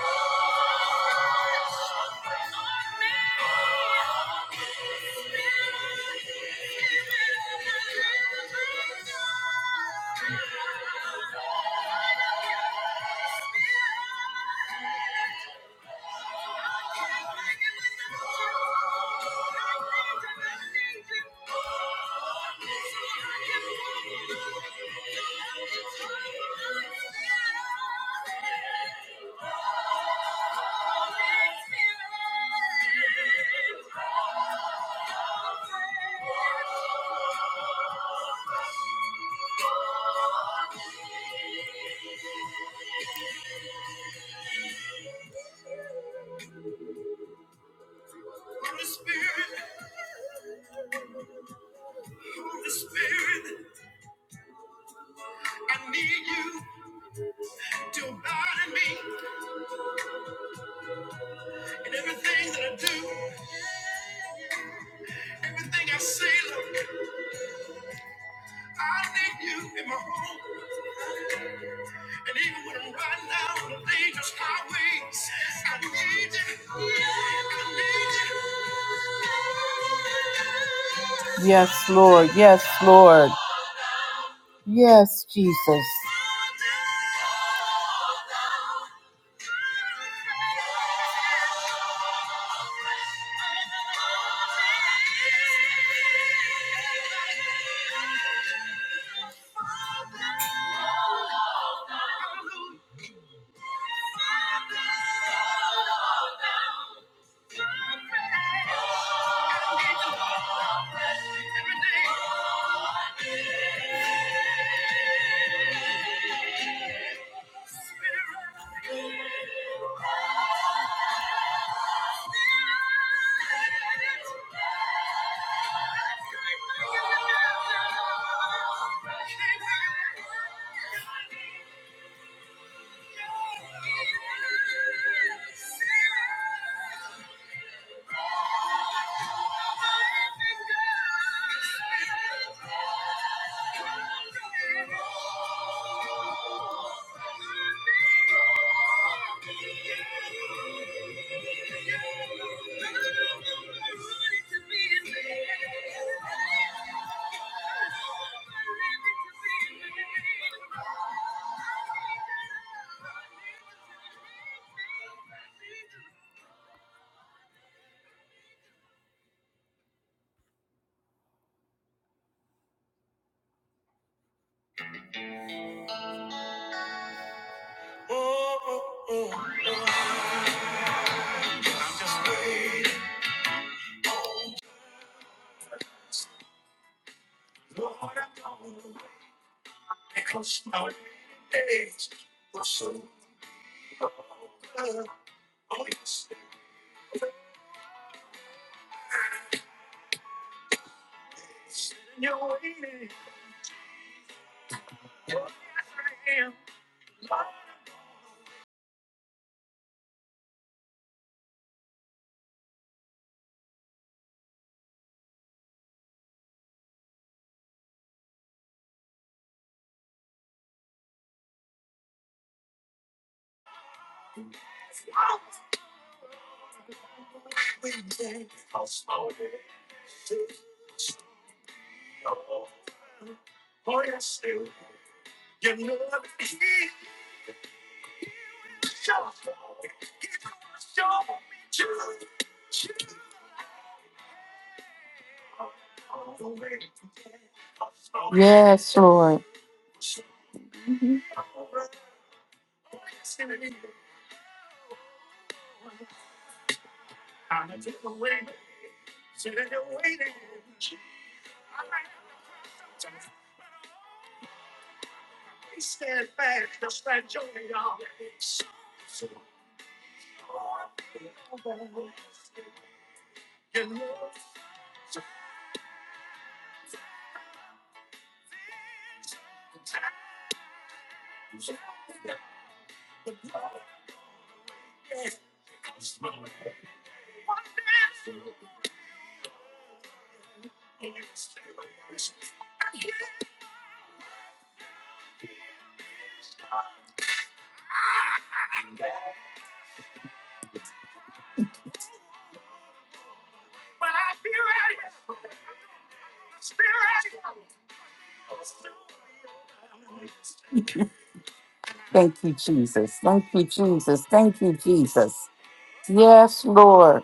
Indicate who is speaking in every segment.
Speaker 1: Oh, Thank you. Yes, Lord. Yes, Lord. Yes, Jesus. Thank you. Thank you. Yes, Lord. Thank you, Jesus. Thank you, Jesus. Thank you, Jesus. Yes, Lord.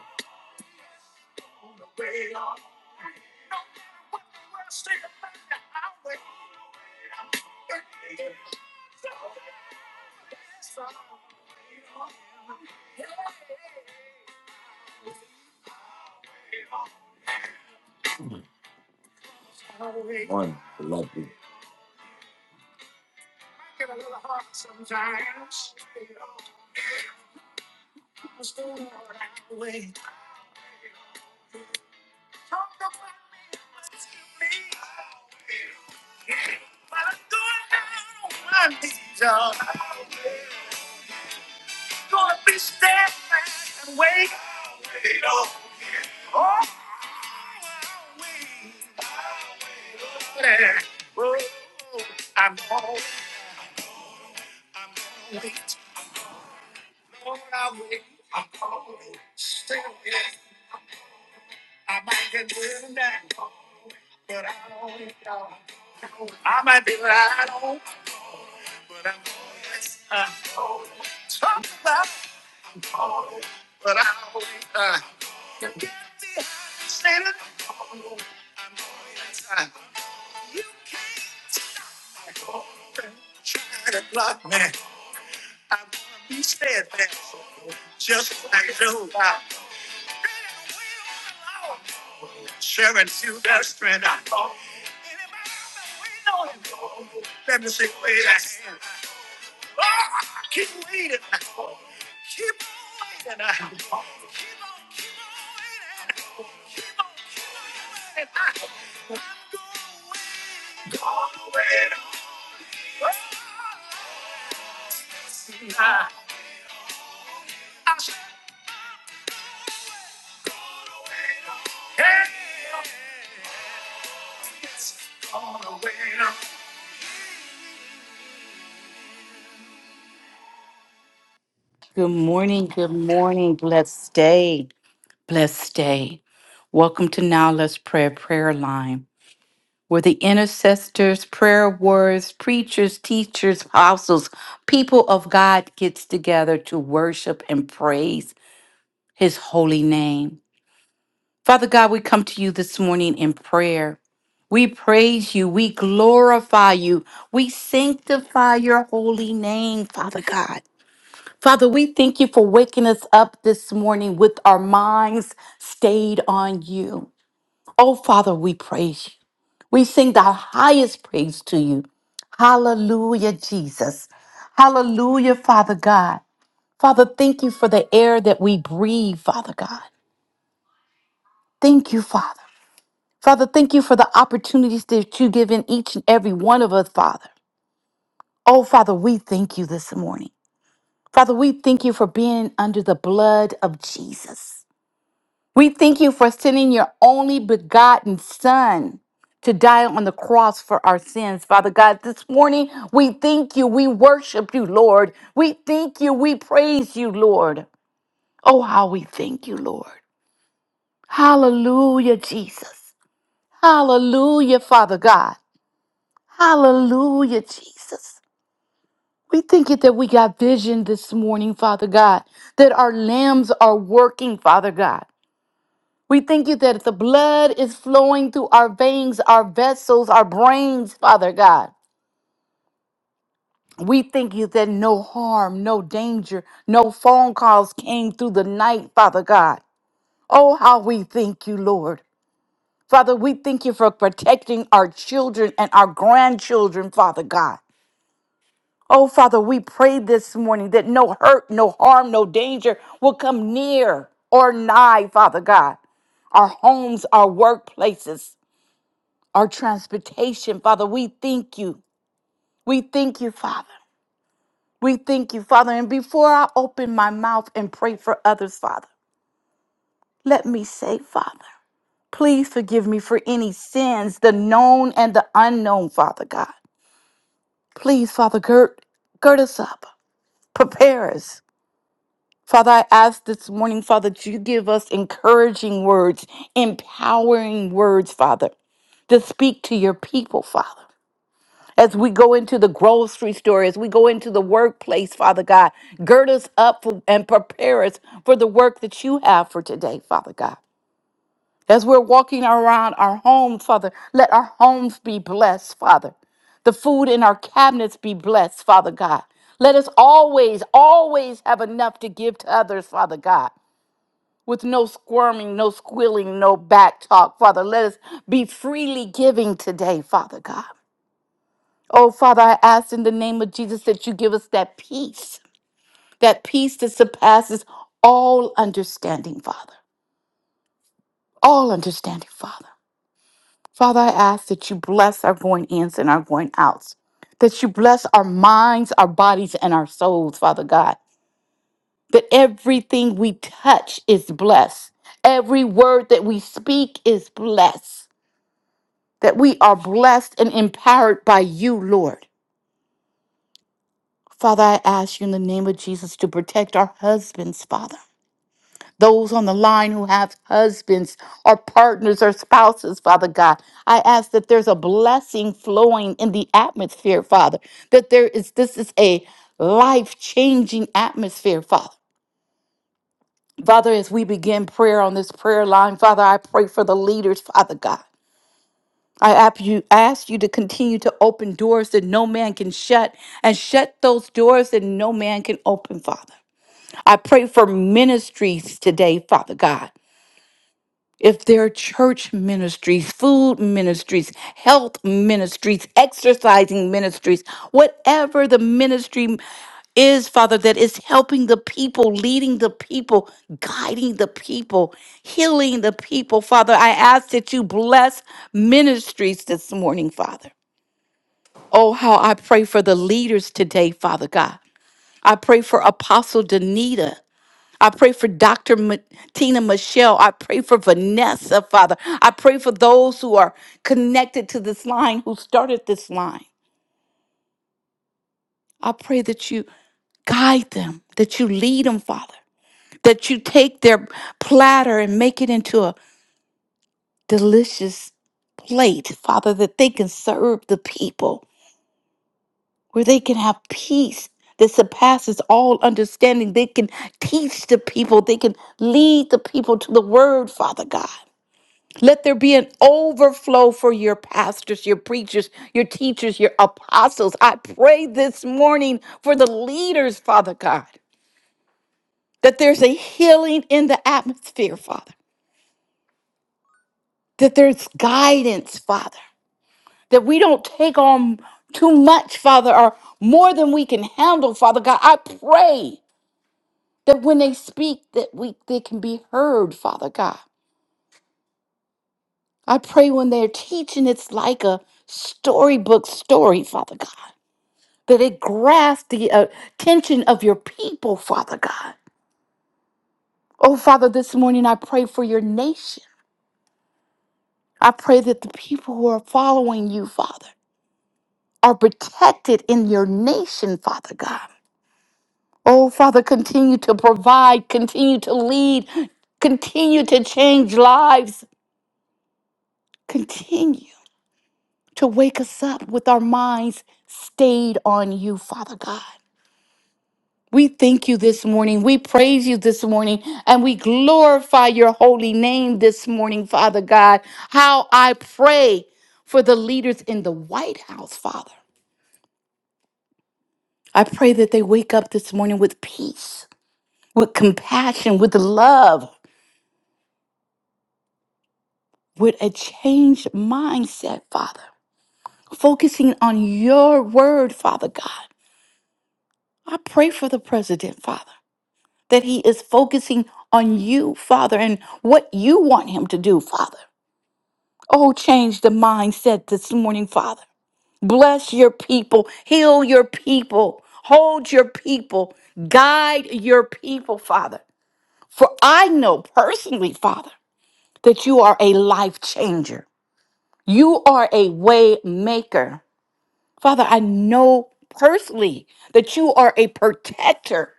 Speaker 1: Good morning. Good morning. Blessed day. Blessed day. Welcome to Now Let's Pray Prayer Line, where the intercessors, prayer warriors, preachers, teachers, apostles, people of God gets together to worship and praise his holy name. Father God, we come to you this morning in prayer. We praise you. We glorify you. We sanctify your holy name, Father God. Father, we thank you for waking us up this morning with our minds stayed on you. Oh, Father, we praise you. We sing the highest praise to you. Hallelujah, Jesus. Hallelujah, Father God. Father, thank you for the air that we breathe, Father God. Thank you, Father. Father, thank you for the opportunities that you've given each and every one of us, Father. Oh, Father, we thank you this morning. Father, we thank you for being under the blood of Jesus. We thank you for sending your only begotten Son to die on the cross for our sins. Father God, this morning we thank you. We worship you, Lord. We thank you. We praise you, Lord. Oh, how we thank you, Lord. Hallelujah, Jesus. Hallelujah, Father God. Hallelujah, Jesus. We thank you that we got vision this morning, Father God, that our limbs are working, Father God. We thank you that the blood is flowing through our veins, our vessels, our brains, Father God. We thank you that no harm, no danger, no phone calls came through the night, Father God. Oh, how we thank you, Lord. Father, we thank you for protecting our children and our grandchildren, Father God. Oh, Father, we pray this morning that no hurt, no harm, no danger will come near or nigh, Father God. Our homes, our workplaces, our transportation, Father, we thank you. We thank you, Father. We thank you, Father. And before I open my mouth and pray for others, Father, let me say, Father, please forgive me for any sins, the known and the unknown, Father God. Please, Father, gird, gird us up, prepare us, Father, I ask this morning, Father, that you give us encouraging words, empowering words, Father, to speak to your people, Father. As we go into the grocery store, as we go into the workplace, Father God, gird us up for, and prepare us for the work that you have for today, Father God. As we're walking around our home, Father, let our homes be blessed, Father. The food in our cabinets be blessed, Father God. Let us always, always have enough to give to others, Father God with no squirming, no squealing, no back talk, Father. Let us be freely giving today, Father God. Oh, Father, I ask in the name of Jesus that you give us that peace, that peace that surpasses all understanding, Father. All understanding, Father. Father, I ask that you bless our going ins and our going outs, that you bless our minds, our bodies, and our souls, Father God, that everything we touch is blessed, every word that we speak is blessed. that we are blessed and empowered by you, Lord. Father, I ask you in the name of Jesus to protect our husbands, Father. Those on the line who have husbands or partners or spouses, Father God, I ask that there's a blessing flowing in the atmosphere, Father, that there is, this is a life changing atmosphere, Father. Father, as we begin prayer on this prayer line, Father, I pray for the leaders, Father God. I ask you, ask you to continue to open doors that no man can shut and shut those doors that no man can open, Father. I pray for ministries today, Father God if there are church ministries, food ministries, health ministries, exercising ministries, whatever the ministry is, Father, that is helping the people, leading the people, guiding the people, healing the people, Father, I ask that you bless ministries this morning, Father. Oh, how I pray for the leaders today, Father God. I pray for Apostle Danita. I pray for Dr. Ma- Tina Michelle. I pray for Vanessa, Father. I pray for those who are connected to this line, who started this line. I pray that you guide them, that you lead them, Father, that you take their platter and make it into a delicious plate, Father, that they can serve the people, where they can have peace that surpasses all understanding. They can teach the people, they can lead the people to the word, Father God. Let there be an overflow for your pastors, your preachers, your teachers, your apostles. I pray this morning for the leaders, Father God, that there's a healing in the atmosphere, Father, that there's guidance, Father, that we don't take on too much, Father, or more than we can handle, Father God. I pray that when they speak that we they can be heard, Father God. I pray when they're teaching it's like a storybook story, Father God that it grasps the uh, attention of your people, Father God. Oh, Father, this morning I pray for your nation. I pray that the people who are following you, Father, are protected in your nation, Father God. Oh, Father, continue to provide, continue to lead, continue to change lives, continue to wake us up with our minds stayed on you, Father God. We thank you this morning. We praise you this morning and we glorify your holy name this morning, Father God. How I pray for the leaders in the White House, Father. I pray that they wake up this morning with peace, with compassion, with love, with a changed mindset, Father, focusing on your word, Father God. I pray for the president, Father, that he is focusing on you, Father, and what you want him to do, Father. Oh, change the mindset this morning, Father. Bless your people, heal your people, hold your people, guide your people, Father. For I know personally, Father, that you are a life changer. You are a way maker. Father, I know personally that you are a protector.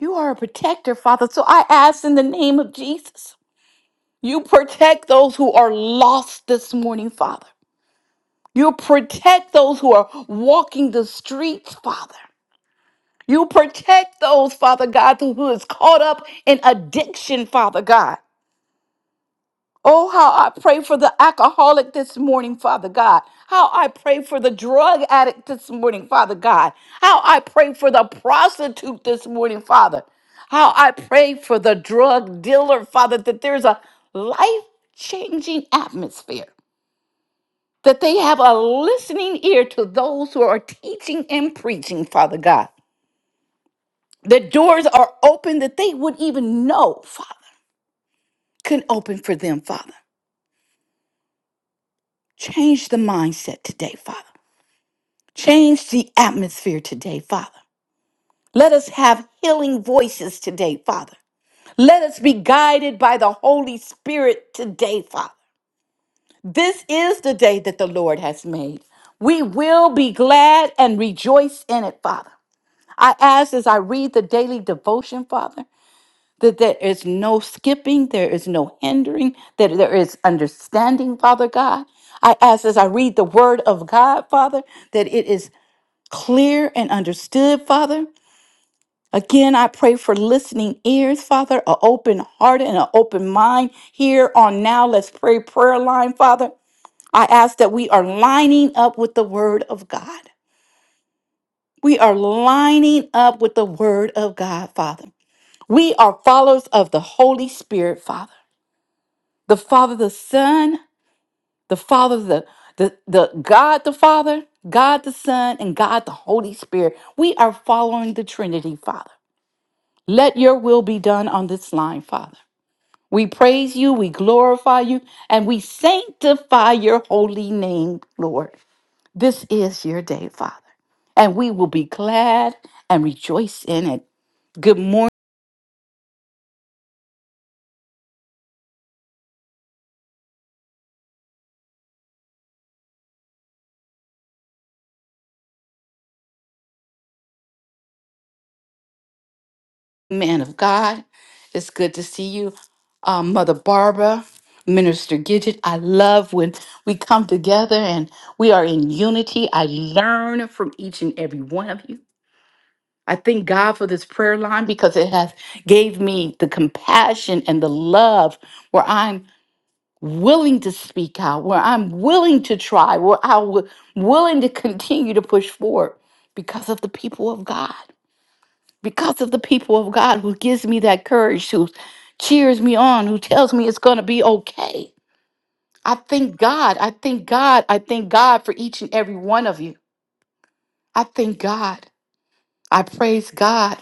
Speaker 1: You are a protector, Father. So I ask in the name of Jesus, you protect those who are lost this morning, Father. You protect those who are walking the streets, Father. You protect those, Father God, who is caught up in addiction, Father God. Oh, how I pray for the alcoholic this morning, Father God. How I pray for the drug addict this morning, Father God. How I pray for the prostitute this morning, Father. How I pray for the drug dealer, Father, that there's a life changing atmosphere that they have a listening ear to those who are teaching and preaching, Father God. The doors are open that they would even know, Father, can open for them, Father. Change the mindset today, Father. Change the atmosphere today, Father. Let us have healing voices today, Father. Let us be guided by the Holy Spirit today, Father. This is the day that the Lord has made. We will be glad and rejoice in it, Father. I ask as I read the daily devotion, Father, that there is no skipping, there is no hindering, that there is understanding, Father God. I ask as I read the word of God, Father, that it is clear and understood, Father. Again, I pray for listening ears, Father, an open heart and an open mind here on now. Let's pray prayer line, Father. I ask that we are lining up with the word of God. We are lining up with the word of God, Father. We are followers of the Holy Spirit, Father. The Father, the Son, the Father, the, the, the God the Father, God the Son, and God the Holy Spirit. We are following the Trinity, Father. Let your will be done on this line, Father. We praise you, we glorify you, and we sanctify your holy name, Lord. This is your day, Father, and we will be glad and rejoice in it. Good morning. man of God. It's good to see you, uh, Mother Barbara, Minister Gidget. I love when we come together and we are in unity. I learn from each and every one of you. I thank God for this prayer line because it has gave me the compassion and the love where I'm willing to speak out, where I'm willing to try, where I'm willing to continue to push forward because of the people of God because of the people of God who gives me that courage, who cheers me on, who tells me it's going to be okay. I thank God. I thank God. I thank God for each and every one of you. I thank God. I praise God.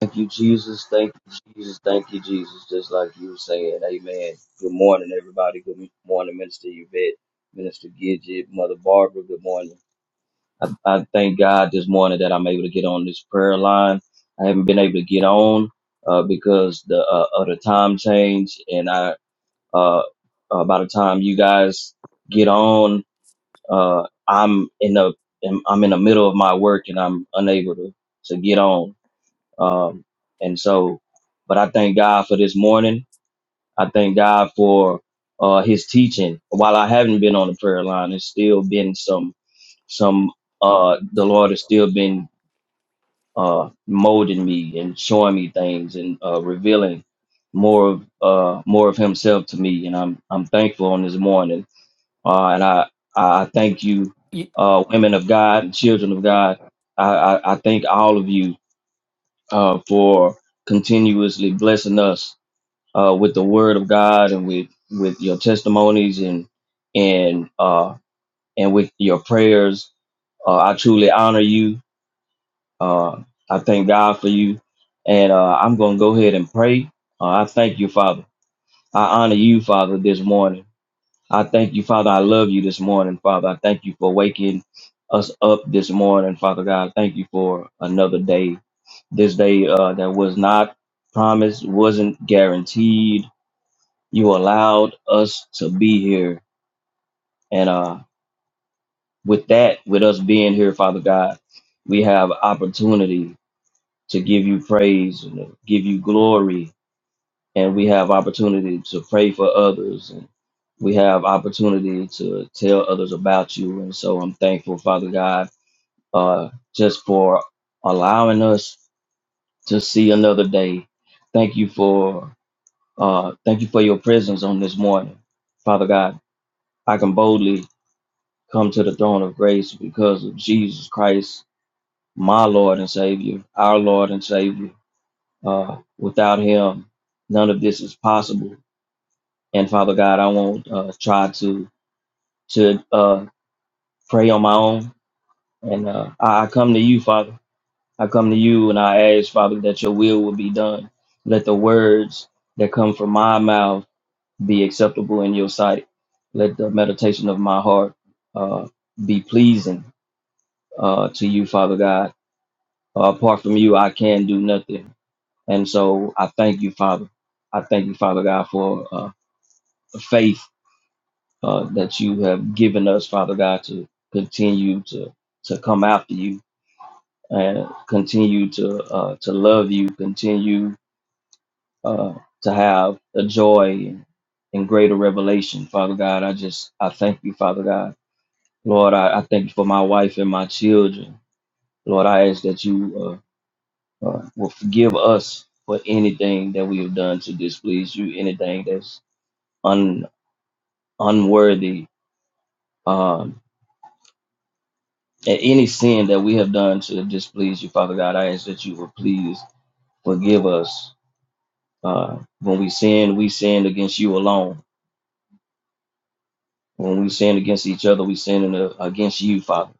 Speaker 2: Thank you, Jesus. Thank you, Jesus. Thank you, Jesus. Just like you were saying, Amen. Good morning, everybody. Good morning, Minister Yvette, Minister Gidget, Mother Barbara. Good morning. I, I thank God this morning that I'm able to get on this prayer line. I haven't been able to get on uh, because the uh, of the time change, and I uh, uh, by the time you guys get on, uh, I'm in the I'm in the middle of my work, and I'm unable to to get on. Um, and so, but I thank God for this morning. I thank God for uh, His teaching. While I haven't been on the prayer line, it's still been some some. Uh, the Lord has still been uh, molding me and showing me things and uh, revealing more of uh, more of Himself to me. And I'm I'm thankful on this morning. Uh, and I I I thank you, uh, women of God and children of God. I, I, I thank all of you uh, for continuously blessing us uh, with the Word of God and with with your testimonies and and uh, and with your prayers. Uh, I truly honor you. Uh, I thank God for you, and uh, I'm going to go ahead and pray. Uh, I thank you, Father. I honor you, Father, this morning. I thank you, Father. I love you this morning, Father. I thank you for waking us up this morning, Father God. Thank you for another day this day uh, that was not promised, wasn't guaranteed. You allowed us to be here. And uh, with that, with us being here, Father God, we have opportunity to give you praise and to give you glory. And we have opportunity to pray for others. And we have opportunity to tell others about you. And so I'm thankful, Father God, uh, just for allowing us to see another day. Thank you for Uh, thank you for your presence on this morning. Father God, I can boldly come to the throne of grace because of Jesus Christ, my Lord and Savior, our Lord and Savior. Uh, without Him, none of this is possible. And Father God, I won't uh, try to to uh, pray on my own. And uh, I I come to you, Father. I come to you and I ask, Father, that your will will be done. Let the words that come from my mouth be acceptable in your sight. Let the meditation of my heart uh, be pleasing uh, to you, Father God. Uh, apart from you, I can do nothing. And so I thank you, Father. I thank you, Father God, for uh, the faith uh, that you have given us, Father God, to continue to to come after you and continue to uh, to love you, continue uh, to have a joy and greater revelation, Father God. I just I thank you, Father God Lord, I, I thank you for my wife and my children. Lord, I ask that you uh, uh, will forgive us for anything that we have done to displease you, anything that's un, unworthy, um, and any sin that we have done to displease you, Father God. I ask that you will please forgive us. Uh, when we sin, we sin against you alone. When we sin against each other, we sin in the- against you, Father.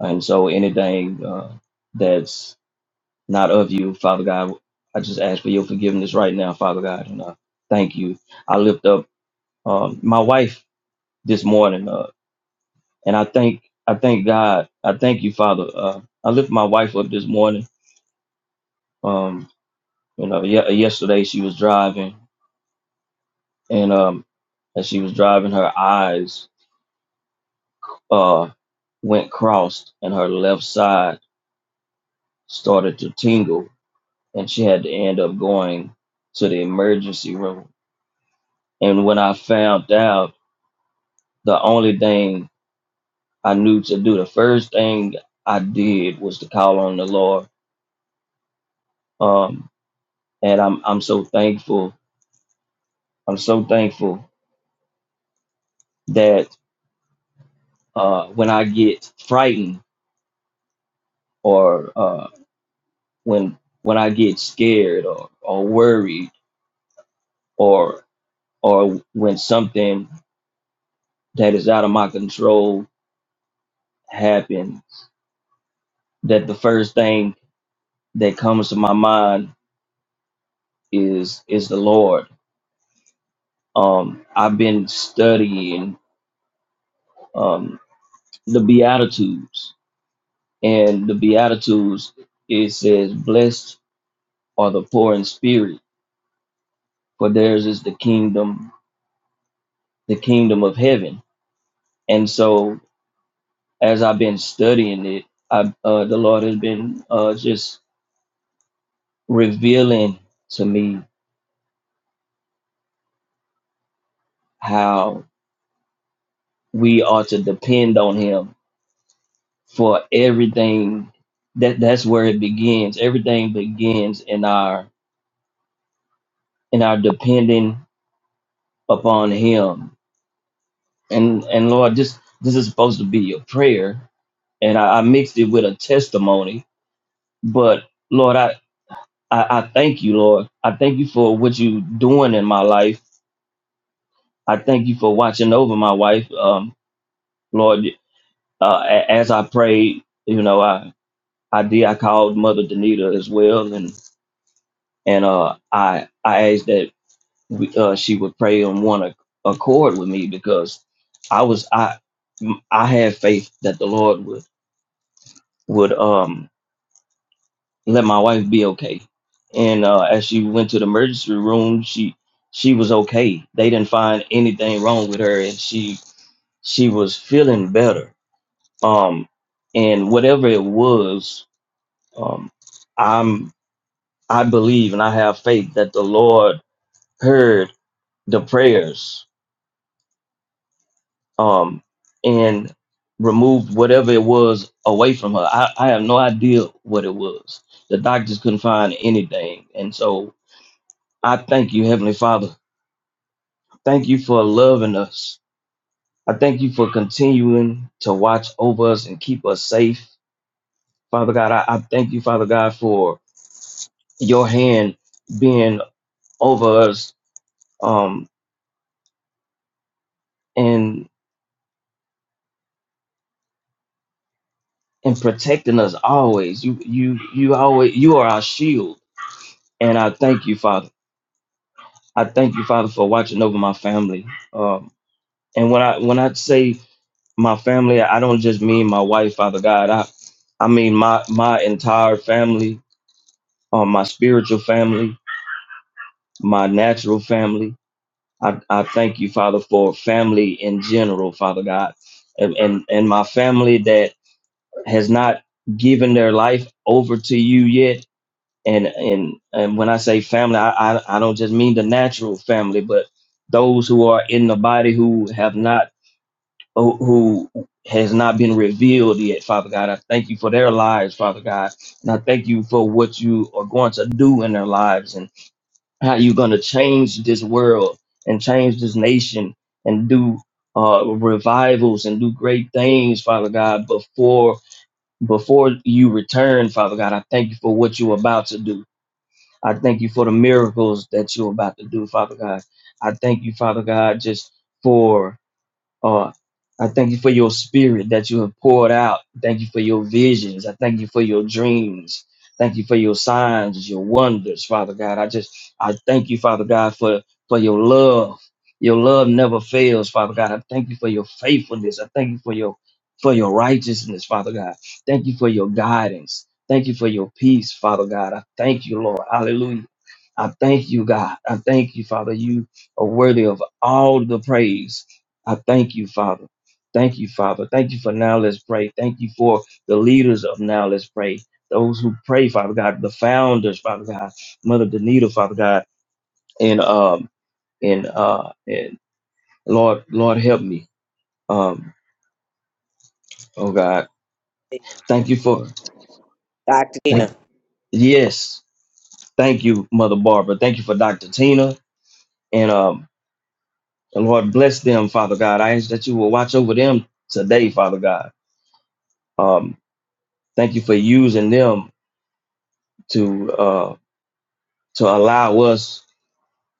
Speaker 2: And so anything uh, that's not of you, Father God. I just ask for your forgiveness right now, Father God, and uh, thank you. I lift up um, my wife this morning, uh, and I thank I thank God. I thank you, Father. Uh, I lift my wife up this morning. Um, you know, ye- yesterday she was driving, and um, as she was driving, her eyes uh, went crossed, and her left side started to tingle, and she had to end up going to the emergency room. And when I found out the only thing I knew to do, the first thing I did was to call on the Lord. Um, and I'm I'm so thankful. I'm so thankful that uh, when I get frightened or uh, when when I get scared or, or worried or or when something that is out of my control happens, that the first thing that comes to my mind is is the Lord. Um, I've been studying. Um, the Beatitudes. And the Beatitudes, it says, Blessed are the poor in spirit, for theirs is the kingdom, the kingdom of heaven. And so as I've been studying it, I, uh, the Lord has been uh, just revealing to me how we are to depend on Him for everything. That that's where it begins. Everything begins in our in our depending upon Him and and Lord, this this is supposed to be a prayer, and I, I mixed it with a testimony. But Lord, I, I I thank you, Lord. I thank you for what you doing in my life. I thank you for watching over my wife, um, Lord. Uh, a- as I prayed, you know, I I did. I called Mother Danita as well, and and uh, I I asked that we, uh, she would pray on one ac- accord with me because I was I I had faith that the Lord would would um let my wife be okay. And uh, as she went to the emergency room, she she was okay. They didn't find anything wrong with her, and she she was feeling better. Um, and whatever it was, um, I'm I believe and I have faith that the Lord heard the prayers um, and removed whatever it was away from her. I, I have no idea what it was. The doctors couldn't find anything, and so I thank you, Heavenly Father. Thank you for loving us. I thank you for continuing to watch over us and keep us safe. Father God, I, I thank you, Father God, for your hand being over us um, and and protecting us always. You you you always you are our shield, and I thank you, Father. I thank you, Father, for watching over my family. Um, and when I when I say my family i don't just mean my wife father god i i mean my my entire family um my spiritual family my natural family i i thank you father for family in general father god and and, and my family that has not given their life over to you yet and and and when i say family i i, I don't just mean the natural family but those who are in the body who have not who who has not been revealed yet, Father God. I thank you for their lives, Father God. And I thank you for what you are going to do in their lives and how you're going to change this world and change this nation and do uh, revivals and do great things, Father God, before before you return, Father God. I thank you for what you're about to do. I thank you for the miracles that you're about to do, Father God. I thank you, Father God, just for uh, I thank you for your spirit that you have poured out. Thank you for your visions. I thank you for your dreams. Thank you for your signs, your wonders, Father God. I just, I thank you, Father God, for, for your love. Your love never fails, Father God. I thank you for your faithfulness. I thank you for your, for your righteousness, Father God. Thank you for your guidance. Thank you for your peace, Father God. I thank you, Lord. Hallelujah. I thank you, God. I thank you, Father. You are worthy of all the praise. I thank you, Father. Thank you, Father. Thank you for now. Let's pray. Thank you for the leaders of now. Let's pray. Those who pray, Father God, the founders, Father God, Mother Danita, Father God, and um and uh and Lord, Lord, help me. Um, oh God, thank you for
Speaker 3: Dr.
Speaker 2: thank
Speaker 3: Tina.
Speaker 2: yes, thank you, Mother Barbara. Thank you for Dr. Tina and um and Lord bless them, Father God. I ask that you will watch over them today, Father God. Um, thank you for using them to. uh to allow us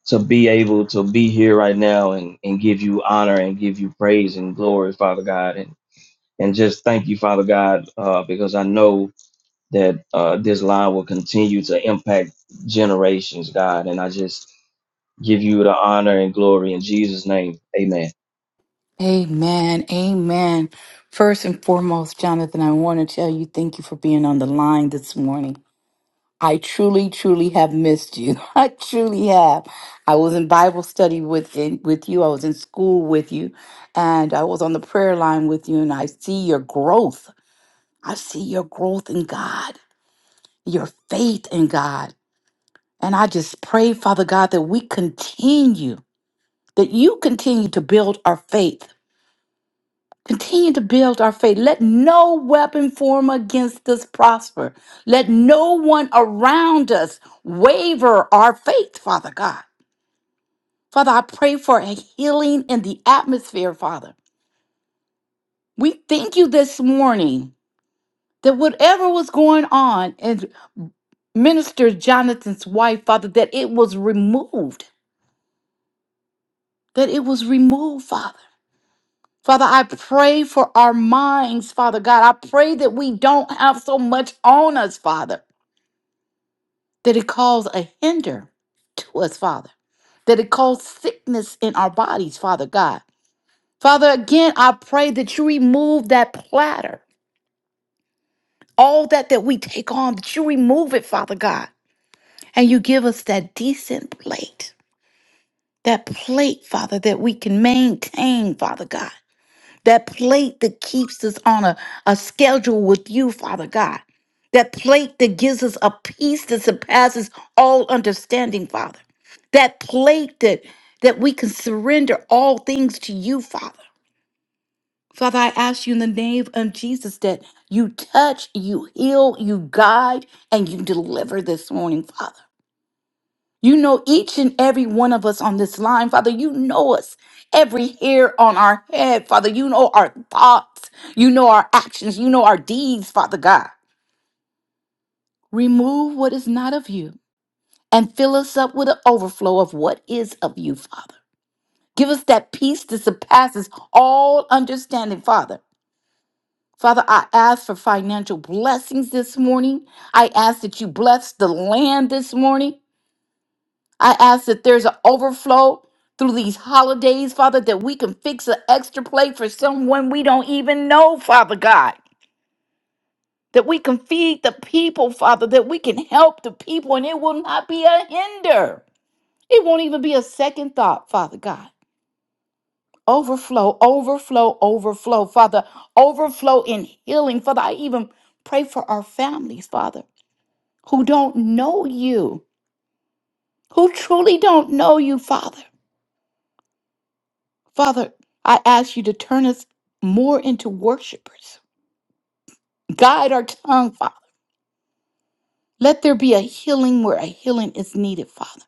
Speaker 2: to be able to be here right now and, and give you honor and give you praise and glory, Father God. And, and just thank you, Father God, uh, because I know that uh, this line will continue to impact generations, God. And I just give you the honor and glory in Jesus' name. Amen.
Speaker 1: Amen. Amen. First and foremost, Jonathan, I want to tell you thank you for being on the line this morning. I truly, truly have missed you. I truly have. I was in Bible study with in, with you. I was in school with you, and I was on the prayer line with you. And I see your growth. I see your growth in God, your faith in God. And I just pray, Father God, that we continue, that you continue to build our faith Continue to build our faith. Let no weapon form against us prosper. Let no one around us waver our faith, Father God. Father, I pray for a healing in the atmosphere, Father. We thank you this morning that whatever was going on in Minister Jonathan's wife, Father, that it was removed, that it was removed, Father. Father, I pray for our minds, Father God. I pray that we don't have so much on us, Father. that it caused a hinder to us, Father, that it caused sickness in our bodies, Father God. Father, again, I pray that you remove that platter, all that that we take on, that you remove it, Father God, and you give us that decent plate, that plate, Father, that we can maintain, Father God. that plate that keeps us on a, a schedule with you, Father God. That plate that gives us a peace that surpasses all understanding, Father. That plate that that we can surrender all things to you, Father. Father, I ask you in the name of Jesus that you touch, you heal, you guide, and you deliver this morning, Father. You know each and every one of us on this line, Father. You know us, every hair on our head, Father. You know our thoughts. You know our actions. You know our deeds, Father God. Remove what is not of you and fill us up with an overflow of what is of you, Father. Give us that peace that surpasses all understanding, Father. Father, I ask for financial blessings this morning. I ask that you bless the land this morning. I ask that there's an overflow through these holidays, Father, that we can fix an extra plate for someone we don't even know, Father God. That we can feed the people, Father, that we can help the people, and it will not be a hinder. It won't even be a second thought, Father God. Overflow, overflow, overflow, Father. Overflow in healing, Father. I even pray for our families, Father, who don't know you, who truly don't know you, Father. Father, I ask you to turn us more into worshipers. Guide our tongue, Father. Let there be a healing where a healing is needed, Father.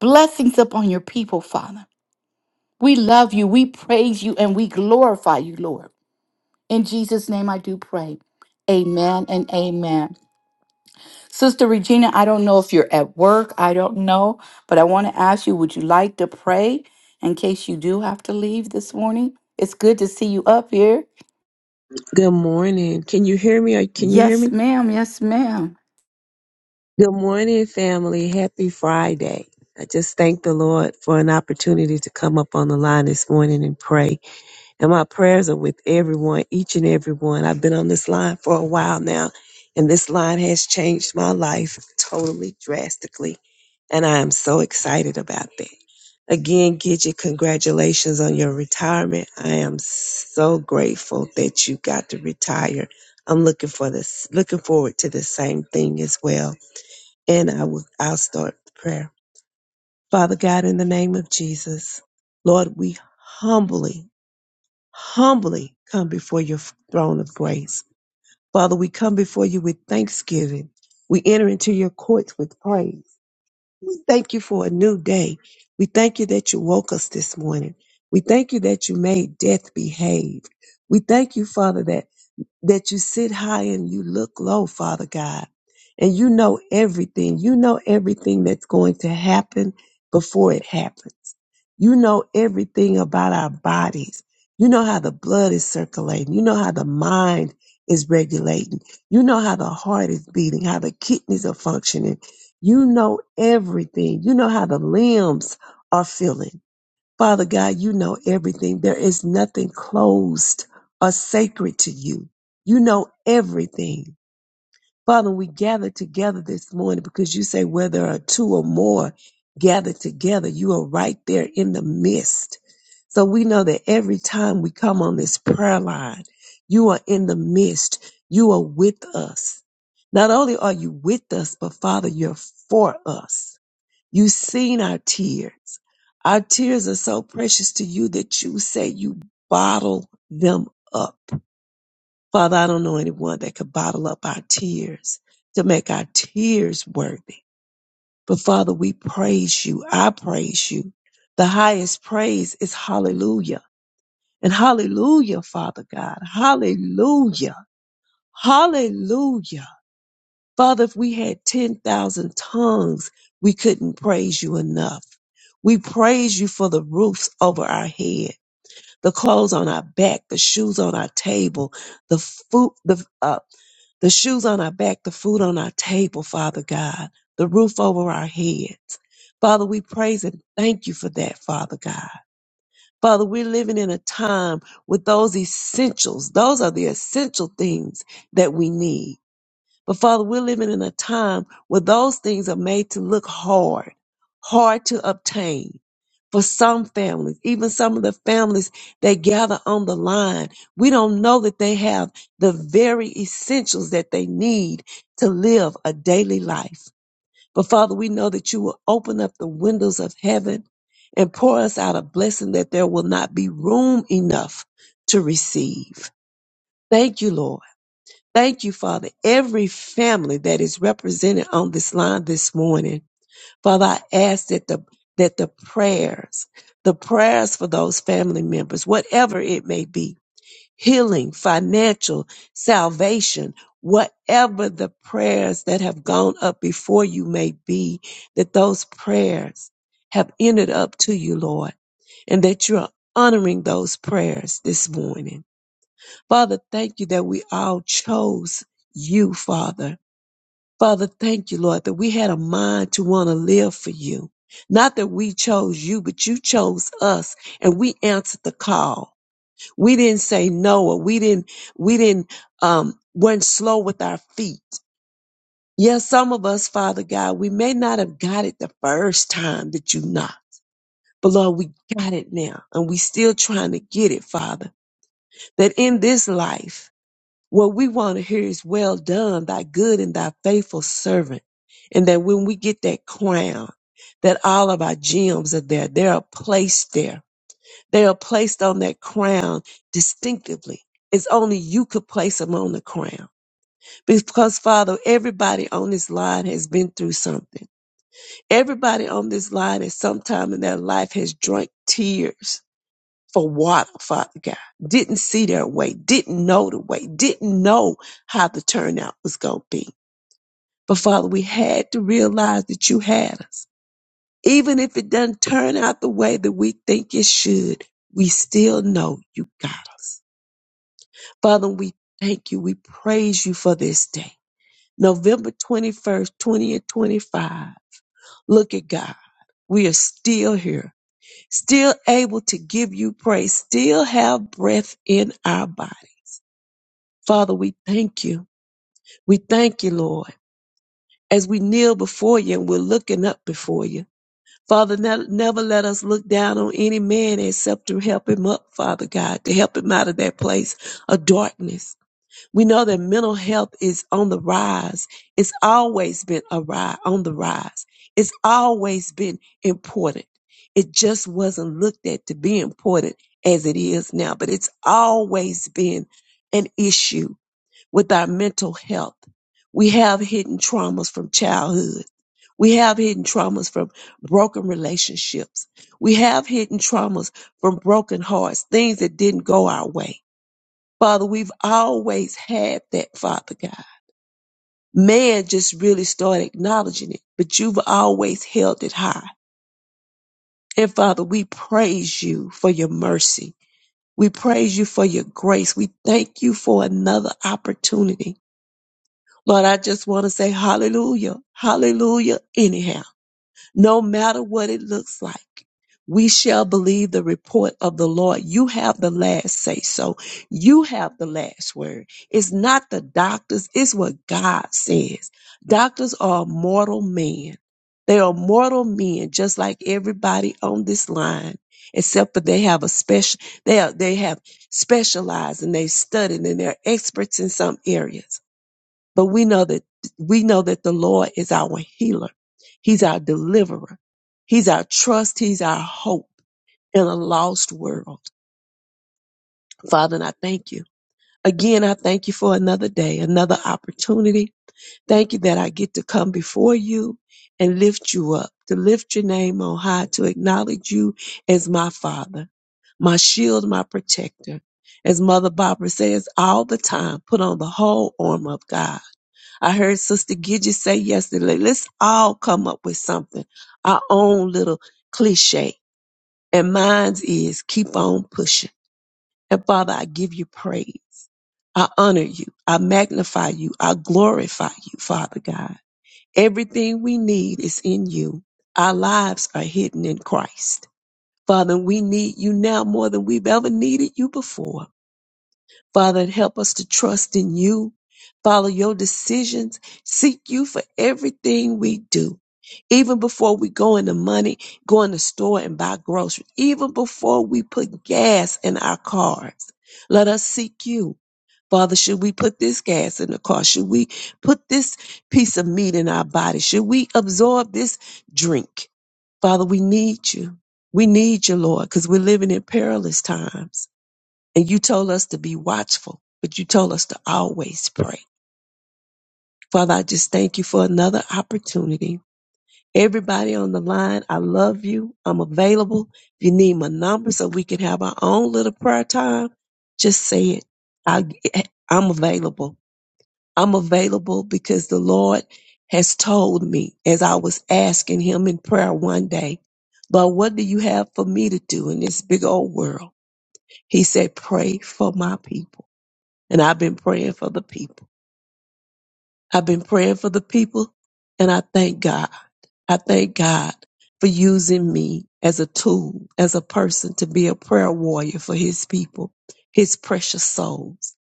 Speaker 1: Blessings upon your people, Father. We love you, we praise you, and we glorify you, Lord. In Jesus' name I do pray. Amen and amen. Sister Regina, I don't know if you're at work. I don't know, but I want to ask you would you like to pray in case you do have to leave this morning? It's good to see you up here.
Speaker 4: Good morning. Can you hear me? Or Can you hear
Speaker 1: Yes,
Speaker 4: me?
Speaker 1: ma'am. Yes, ma'am.
Speaker 4: Good morning, family. Happy Friday. I just thank the Lord for an opportunity to come up on the line this morning and pray. And my prayers are with everyone, each and every one. I've been on this line for a while now, and this line has changed my life totally drastically. And I am so excited about that. Again, Gidget, congratulations on your retirement. I am so grateful that you got to retire. I'm looking for this, looking forward to the same thing as well. And I will, I'll start the prayer. Father God, in the name of Jesus, Lord, we humbly humbly come before your throne of grace. Father, we come before you with thanksgiving. We enter into your courts with praise. We thank you for a new day. We thank you that you woke us this morning. We thank you that you made death behave. We thank you, Father, that that you sit high and you look low, Father God. And you know everything. You know everything that's going to happen before it happens. You know everything about our bodies. You know how the blood is circulating. You know how the mind is regulating. You know how the heart is beating, how the kidneys are functioning. You know everything. You know how the limbs are feeling. Father God, you know everything. There is nothing closed or sacred to you. You know everything. Father, we gather together this morning because you say where there are two or more gathered together, you are right there in the midst. So we know that every time we come on this prayer line, you are in the midst. You are with us. Not only are you with us, but Father, you're for us. You've seen our tears. Our tears are so precious to you that you say you bottle them up. Father, I don't know anyone that could bottle up our tears to make our tears worthy. But Father, we praise you. I praise you. The highest praise is hallelujah. And hallelujah, Father God. Hallelujah. Hallelujah. Father, if we had 10,000 tongues, we couldn't praise you enough. We praise you for the roofs over our head, the clothes on our back, the shoes on our table, the food, the, uh, the shoes on our back, the food on our table, Father God, the roof over our heads. Father, we praise and thank you for that, Father God. Father, we're living in a time with those essentials. Those are the essential things that we need. But Father, we're living in a time where those things are made to look hard, hard to obtain. For some families, even some of the families that gather on the line, we don't know that they have the very essentials that they need to live a daily life. But Father, we know that you will open up the windows of heaven and pour us out a blessing that there will not be room enough to receive. Thank you, Lord. Thank you, Father. Every family that is represented on this line this morning, Father, I ask that the that the prayers, the prayers for those family members, whatever it may be, healing, financial, salvation, whatever the prayers that have gone up before you may be, that those prayers have ended up to you, Lord, and that you are honoring those prayers this morning. Father, thank you that we all chose you, Father. Father, thank you, Lord, that we had a mind to want to live for you. Not that we chose you, but you chose us and we answered the call. We didn't say no or we didn't, we didn't, um, weren't slow with our feet. Yes, some of us, Father God, we may not have got it the first time that you knocked, but Lord, we got it now and we still trying to get it, Father, that in this life, What we want to hear is well done, thy good and thy faithful servant. And that when we get that crown, that all of our gems are there. They are placed there. They are placed on that crown distinctively. It's only you could place them on the crown. Because Father, everybody on this line has been through something. Everybody on this line at some time in their life has drunk tears for water, Father God. Didn't see their way, didn't know the way, didn't know how the turnout was going to be. But Father, we had to realize that you had us. Even if it doesn't turn out the way that we think it should, we still know you got us. Father, we thank you. We praise you for this day. November 21st, 2025. Look at God. We are still here, still able to give you praise, still have breath in our body Father, we thank you. We thank you, Lord, as we kneel before you and we're looking up before you. Father, ne- never let us look down on any man except to help him up, Father God, to help him out of that place of darkness. We know that mental health is on the rise. It's always been a rise, on the rise. It's always been important. It just wasn't looked at to be important as it is now, but it's always been an issue with our mental health. We have hidden traumas from childhood. We have hidden traumas from broken relationships. We have hidden traumas from broken hearts, things that didn't go our way. Father, we've always had that, Father God. Man just really started acknowledging it, but you've always held it high. And Father, we praise you for your mercy. We praise you for your grace. We thank you for another opportunity Lord, I just want to say hallelujah, hallelujah, anyhow. No matter what it looks like, we shall believe the report of the Lord. You have the last say so. You have the last word. It's not the doctors, it's what God says. Doctors are mortal men. They are mortal men, just like everybody on this line, except for they have a special, they, are, they have specialized and they studied and they're experts in some areas but we know that we know that the Lord is our healer. He's our deliverer. He's our trust. He's our hope in a lost world. Father, and I thank you. Again, I thank you for another day, another opportunity. Thank you that I get to come before you and lift you up, to lift your name on high, to acknowledge you as my Father, my shield, my protector. As Mother Barbara says all the time, put on the whole armor of God I heard Sister Gidget say yesterday, let's all come up with something, our own little cliche. And mine's is keep on pushing. And Father, I give you praise. I honor you. I magnify you. I glorify you, Father God. Everything we need is in you. Our lives are hidden in Christ. Father, we need you now more than we've ever needed you before. Father, and help us to trust in you, follow your decisions, seek you for everything we do. Even before we go into money, go in the store and buy groceries, even before we put gas in our cars, let us seek you. Father, should we put this gas in the car? Should we put this piece of meat in our body? Should we absorb this drink? Father, we need you. We need you, Lord, because we're living in perilous times. And you told us to be watchful, but you told us to always pray. Father, I just thank you for another opportunity. Everybody on the line, I love you. I'm available. If you need my number so we can have our own little prayer time, just say it. I, I'm available. I'm available because the Lord has told me as I was asking him in prayer one day, Lord, what do you have for me to do in this big old world? He said, pray for my people. And I've been praying for the people. I've been praying for the people. And I thank God. I thank God for using me as a tool, as a person to be a prayer warrior for his people, his precious souls.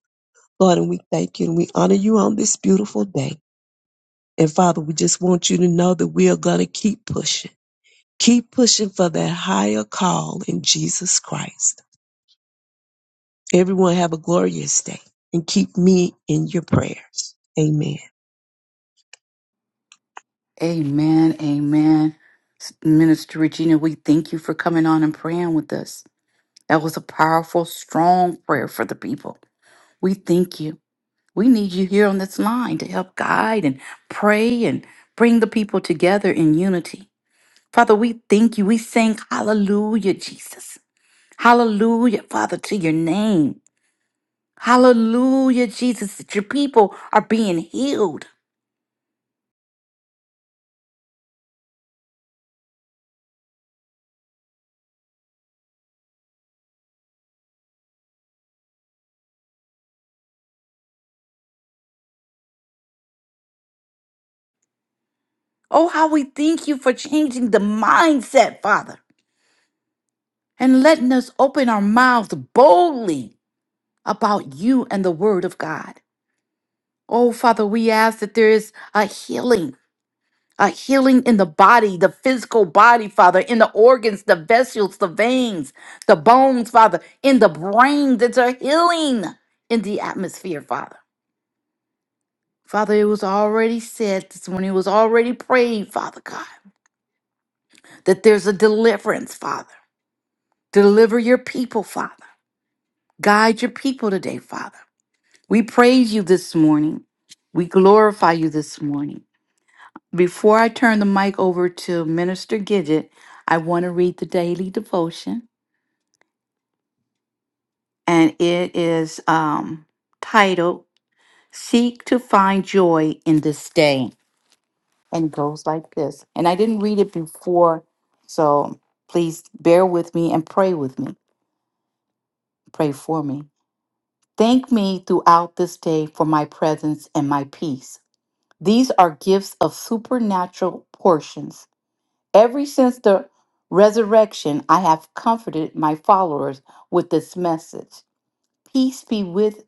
Speaker 4: Lord, and we thank you and we honor you on this beautiful day. And Father, we just want you to know that we are going to keep pushing. Keep pushing for that higher call in Jesus Christ. Everyone have a glorious day and keep me in your prayers. Amen.
Speaker 1: Amen. Amen. Minister Regina, we thank you for coming on and praying with us. That was a powerful, strong prayer for the people. We thank you. We need you here on this line to help guide and pray and bring the people together in unity. Father, we thank you. We sing hallelujah, Jesus. Hallelujah, Father, to your name. Hallelujah, Jesus, that your people are being healed. Oh, how we thank you for changing the mindset, Father. and letting us open our mouths boldly about you and the Word of God. Oh, Father, we ask that there is a healing, a healing in the body, the physical body, Father, in the organs, the vessels, the veins, the bones, Father, in the brain, that a healing in the atmosphere, Father. Father, it was already said this morning, it was already prayed, Father God, that there's a deliverance, Father. Deliver your people, Father. Guide your people today, Father. We praise you this morning. We glorify you this morning. Before I turn the mic over to Minister Gidget, I want to read the daily devotion, and it is um, titled Seek to Find Joy in This Day. And it goes like this. And I didn't read it before, so please bear with me and pray with me. Pray for me. Thank me throughout this day for my presence and my peace. These are gifts of supernatural portions. Ever since the resurrection, I have comforted my followers with this message Peace be with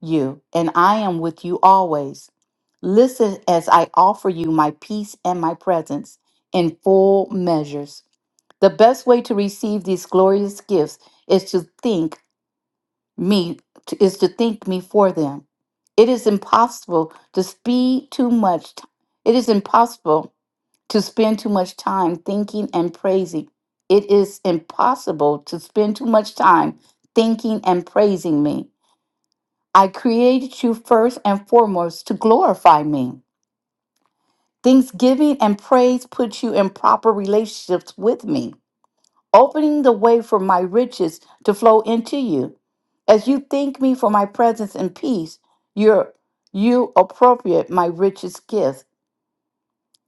Speaker 1: you, and I am with you always. Listen as I offer you my peace and my presence in full measures. The best way to receive these glorious gifts is to think me t- is to think me for them. It is impossible to speed too much. t- It is impossible to spend too much time thinking and praising. It is impossible to spend too much time thinking and praising me. I created you first and foremost to glorify me. Thanksgiving and praise put you in proper relationships with me opening the way for my riches to flow into you. As you thank me for my presence and peace, you're, you appropriate my richest gift.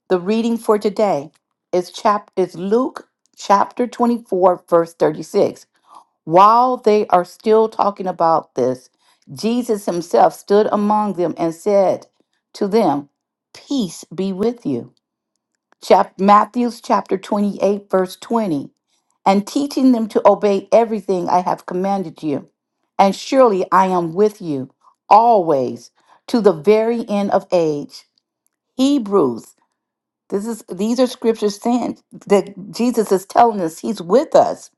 Speaker 1: The reading for today is, chap- is Luke chapter 24, verse 36. While they are still talking about this, Jesus himself stood among them and said to them, Peace be with you. Chap- Matthew's chapter 28, verse 20 and teaching them to obey everything I have commanded you. And surely I am with you always to the very end of age. Hebrews. This is these are scriptures saying that Jesus is telling us he's with us.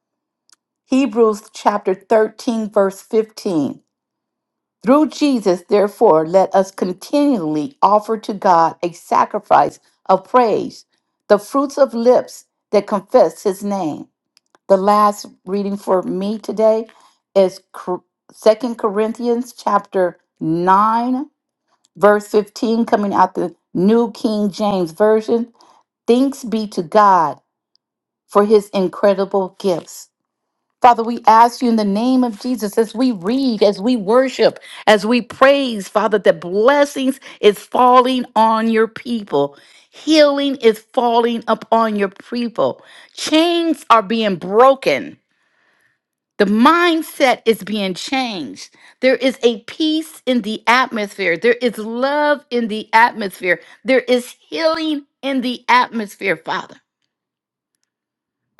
Speaker 1: Hebrews chapter 13 verse 15. Through Jesus therefore let us continually offer to God a sacrifice of praise, the fruits of lips that confess his name. The last reading for me today is Second Corinthians chapter 9, verse 15, coming out the New King James Version. Thanks be to God for his incredible gifts. Father, we ask you in the name of Jesus as we read, as we worship, as we praise, Father, that blessings is falling on your people. Healing is falling upon your people. Chains are being broken the mindset is being changed. There is a peace in the atmosphere. There is love in the atmosphere. There is healing in the atmosphere, Father.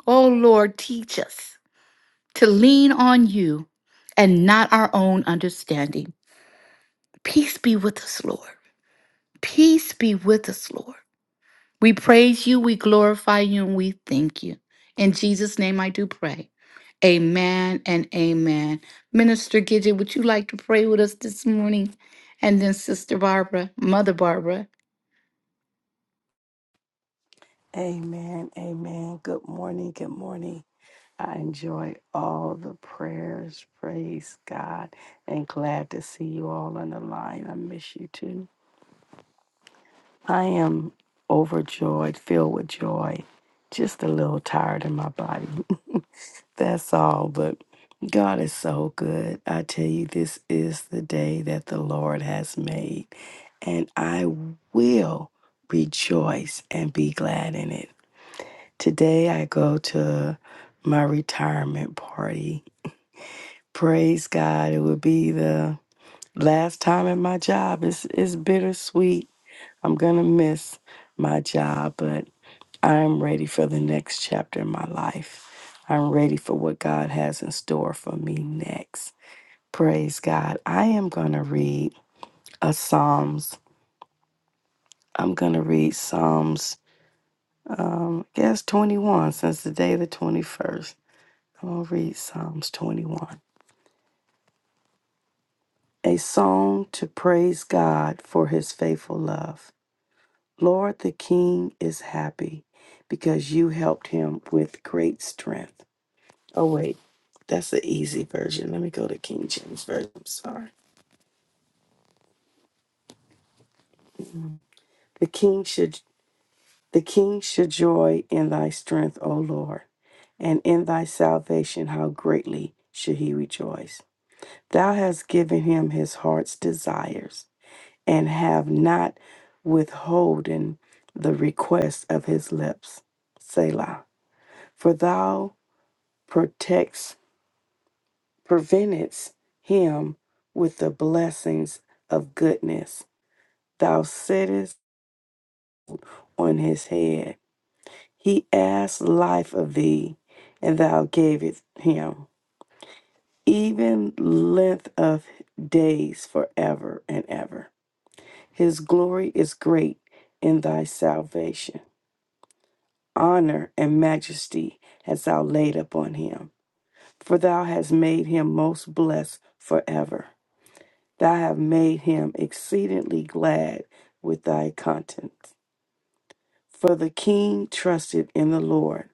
Speaker 1: Oh, Lord, teach us to lean on you and not our own understanding. Peace be with us, Lord. Peace be with us, Lord. We praise you, we glorify you, and we thank you. In Jesus' name I do pray. Amen and amen. Minister Gidget, would you like to pray with us this morning? And then Sister Barbara, Mother Barbara.
Speaker 5: Amen. Amen. Good morning. Good morning. I enjoy all the prayers. Praise God. And glad to see you all on the line. I miss you too. I am overjoyed, filled with joy, just a little tired in my body. That's all. But God is so good. I tell you, this is the day that the Lord has made, and I will rejoice and be glad in it. Today I go to my retirement party. Praise God. It will be the last time at my job. It's it's bittersweet. I'm gonna miss my job, but I'm ready for the next chapter in my life. I'm ready for what God has in store for me next. Praise God. I am gonna read a Psalms. I'm gonna read Psalms um I guess 21 since the day the 21st. I'm gonna read Psalms 21. A song to praise God for his faithful love. Lord, the King is happy because you helped him with great strength. Oh, wait, that's the easy version. Let me go to King James Version. I'm sorry. The King should. The king should joy in thy strength, O Lord, and in thy salvation, how greatly should he rejoice. Thou hast given him his heart's desires and have not withholden the request of his lips. Selah. For thou protects, preventest him with the blessings of goodness. Thou sittest on his head. He asked life of thee, and thou gave it him, even length of days forever and ever. His glory is great in thy salvation. honor and majesty hast thou laid upon him. For thou hast made him most blessed forever. Thou hast made him exceedingly glad with thy countenance. For the king trusted in the Lord,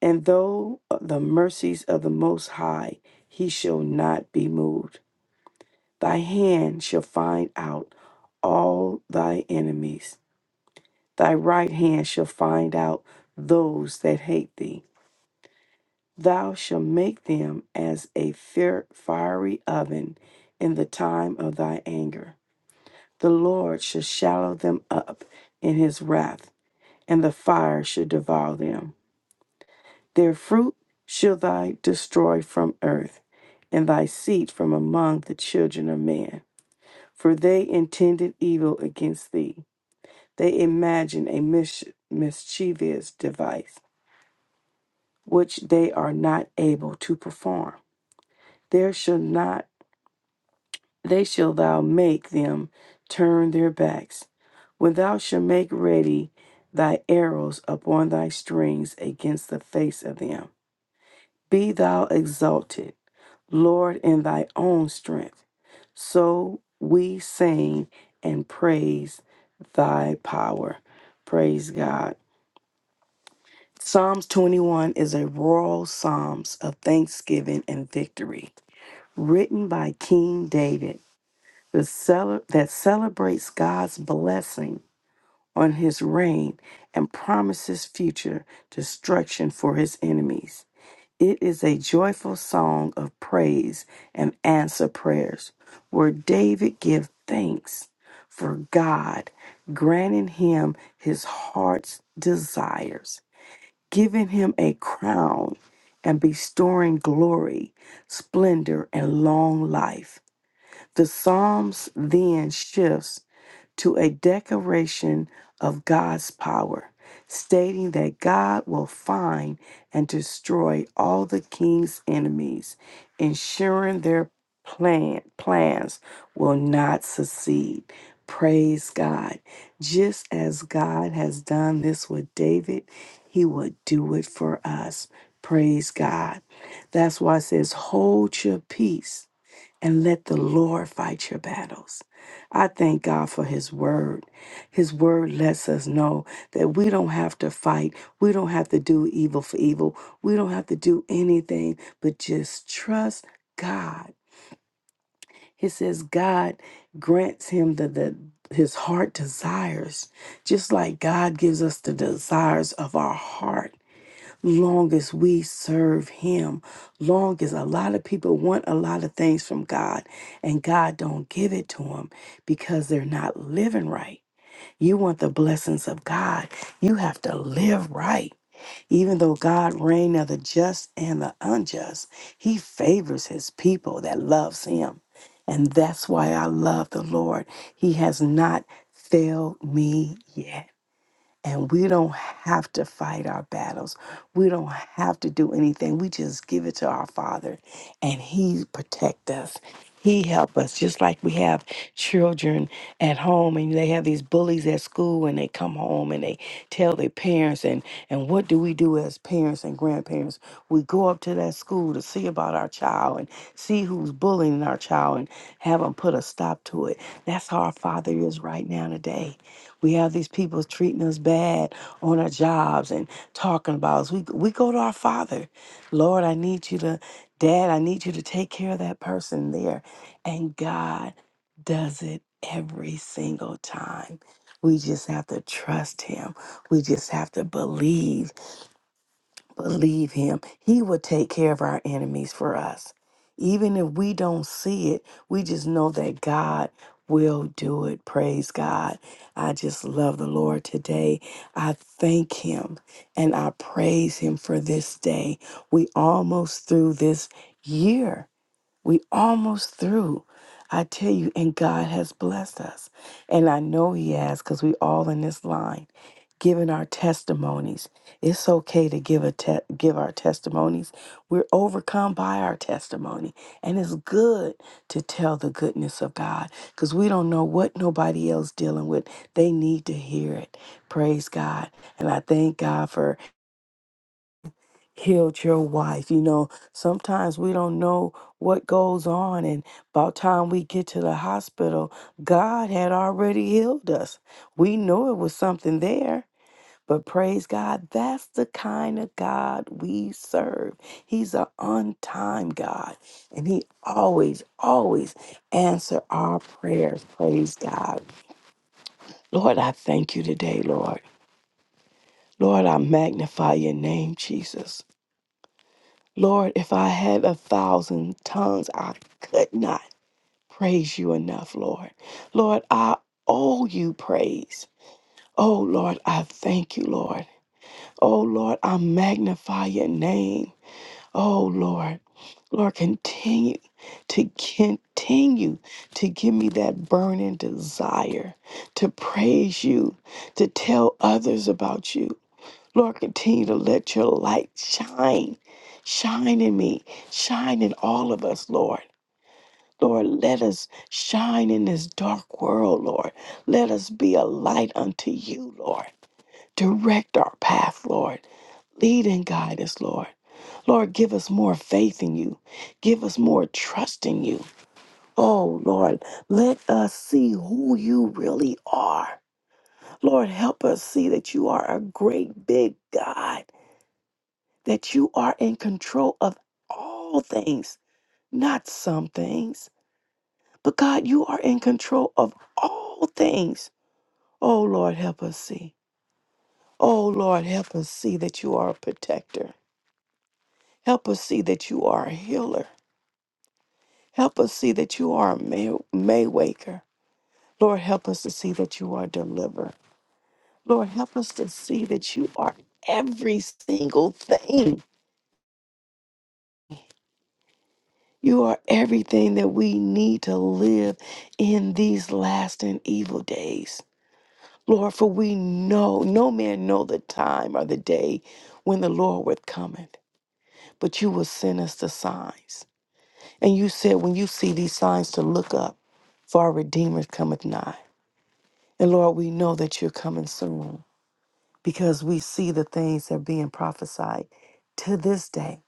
Speaker 5: and though the mercies of the Most High, he shall not be moved. Thy hand shall find out all thy enemies, thy right hand shall find out those that hate thee. Thou shalt make them as a fir- fiery oven in the time of thy anger. The Lord shall shallow them up in his wrath, and the fire shall devour them. Their fruit shall thy destroy from earth, and thy seed from among the children of men. For they intended evil against thee. They imagine a mis- mischievous device, which they are not able to perform. There shall not they shall thou make them turn their backs. When thou shalt make ready thy arrows upon thy strings against the face of them, be thou exalted, Lord, in thy own strength. So we sing and praise thy power. Praise God. Psalms 21 is a royal psalms of thanksgiving and victory, written by King David the cele- that celebrates God's blessing on his reign and promises future destruction for his enemies. It is a joyful song of praise and answer prayers where David gives thanks for God granting him his heart's desires, giving him a crown and bestowing glory, splendor, and long life. The Psalms then shifts to a declaration of God's power, stating that God will find and destroy all the king's enemies, ensuring their plan, plans will not succeed. Praise God. Just as God has done this with David, he will do it for us. Praise God. That's why it says, hold your peace and let the Lord fight your battles. I thank God for His word. His word lets us know that we don't have to fight. We don't have to do evil for evil. We don't have to do anything but just trust God. He says God grants him the, the his heart desires, just like God gives us the desires of our heart long as we serve him long as a lot of people want a lot of things from god and god don't give it to them because they're not living right you want the blessings of god you have to live right even though god reign of the just and the unjust he favors his people that loves him and that's why i love the lord he has not failed me yet and we don't have to fight our battles. We don't have to do anything. We just give it to our Father and He protect us. He help us just like we have children at home and they have these bullies at school and they come home and they tell their parents and and what do we do as parents and grandparents? We go up to that school to see about our child and see who's bullying our child and have them put a stop to it. That's how our father is right now today. We have these people treating us bad on our jobs and talking about us. We we go to our Father, Lord, I need you to, Dad, I need you to take care of that person there, and God does it every single time. We just have to trust Him. We just have to believe. Believe him. He will take care of our enemies for us. Even if we don't see it, we just know that God will do it. Praise God. I just love the Lord today. I thank him and I praise him for this day. We almost through this year. We almost through. I tell you, and God has blessed us. And I know He has because we all in this line giving our testimonies. It's okay to give a te- give our testimonies. We're overcome by our testimony. And it's good to tell the goodness of God because we don't know what nobody else dealing with. They need to hear it. Praise God. And I thank God for healed your wife. You know, sometimes we don't know what goes on and by the time we get to the hospital, God had already healed us. We knew it was something there. But praise God, that's the kind of God we serve. He's an on time God, and He always, always answer our prayers. Praise God. Lord, I thank you today, Lord. Lord, I magnify your name, Jesus. Lord, if I had a thousand tongues, I could not praise you enough, Lord. Lord, I owe you praise. Oh, Lord, I thank you, Lord. Oh, Lord, I magnify your name. Oh, Lord, Lord, continue to continue to give me that burning desire to praise you, to tell others about you. Lord, continue to let your light shine, shine in me, shine in all of us, Lord. Lord, let us shine in this dark world, Lord. Let us be a light unto you, Lord. Direct our path, Lord. Lead and guide us, Lord. Lord, give us more faith in you. Give us more trust in you. Oh, Lord, let us see who you really are. Lord, help us see that you are a great big God that you are in control of all things, not some things. But God, you are in control of all things. Oh Lord, help us see. Oh Lord, help us see that you are a protector. Help us see that you are a healer. Help us see that you are a may, may waker. Lord, help us to see that you are a deliverer. Lord, help us to see that you are every single thing. You are everything that we need to live in these last and evil days. Lord, for we know, no man know the time or the day when the Lord would cometh, but you will send us the signs. And you said, when you see these signs, to look up, for our Redeemer cometh nigh. And Lord, we know that you're coming soon because we see the things that are being prophesied to this day.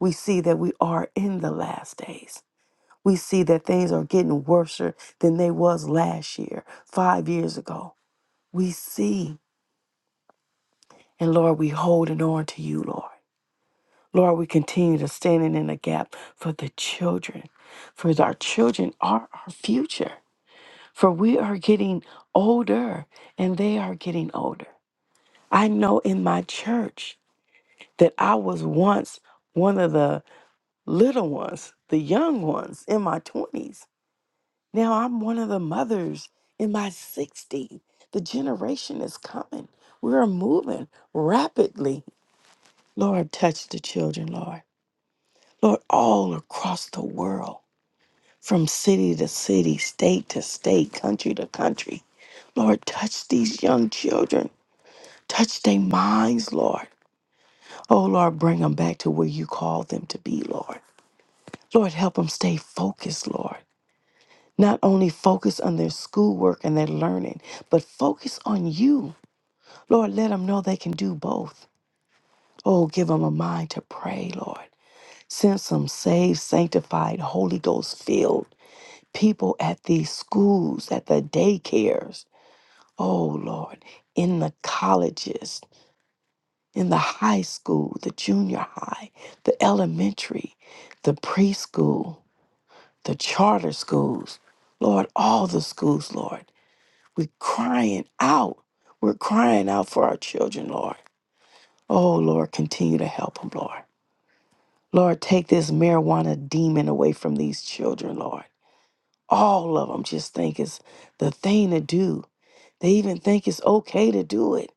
Speaker 5: We see that we are in the last days. We see that things are getting worse than they was last year, five years ago. We see. And Lord, we holding on to you, Lord. Lord, we continue to standing in the gap for the children. For our children are our future. For we are getting older and they are getting older. I know in my church that I was once one of the little ones, the young ones in my 20s Now I'm one of the mothers in my 60s. The generation is coming. We're moving rapidly. Lord, touch the children, Lord. Lord, all across the world, from city to city, state to state, country to country. Lord, touch these young children. Touch their minds, Lord. Oh, Lord, bring them back to where you called them to be, Lord. Lord, help them stay focused, Lord. Not only focus on their schoolwork and their learning, but focus on you. Lord, let them know they can do both. Oh, give them a mind to pray, Lord. Send some saved, sanctified, Holy Ghost filled people at these schools, at the daycares. Oh, Lord, in the colleges, in the high school, the junior high, the elementary, the preschool, the charter schools. Lord, all the schools, Lord. We're crying out. We're crying out for our children, Lord. Oh, Lord, continue to help them, Lord. Lord, take this marijuana demon away from these children, Lord. All of them just think it's the thing to do. They even think it's okay to do it.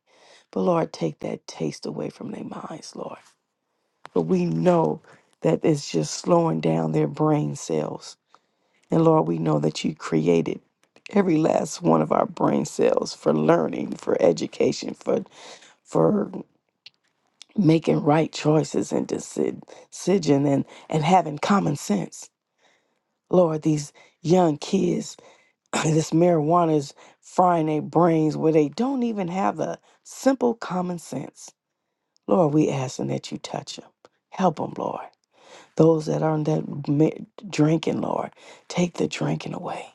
Speaker 5: But Lord, take that taste away from their minds, Lord. But we know that it's just slowing down their brain cells. And Lord, we know that you created every last one of our brain cells for learning, for education, for for making right choices and deci- decision and, and having common sense. Lord, these young kids, this marijuana is frying their brains where they don't even have the simple common sense. Lord, we asking that you touch them. Help them, Lord. Those that are on that mi- drinking, Lord, take the drinking away.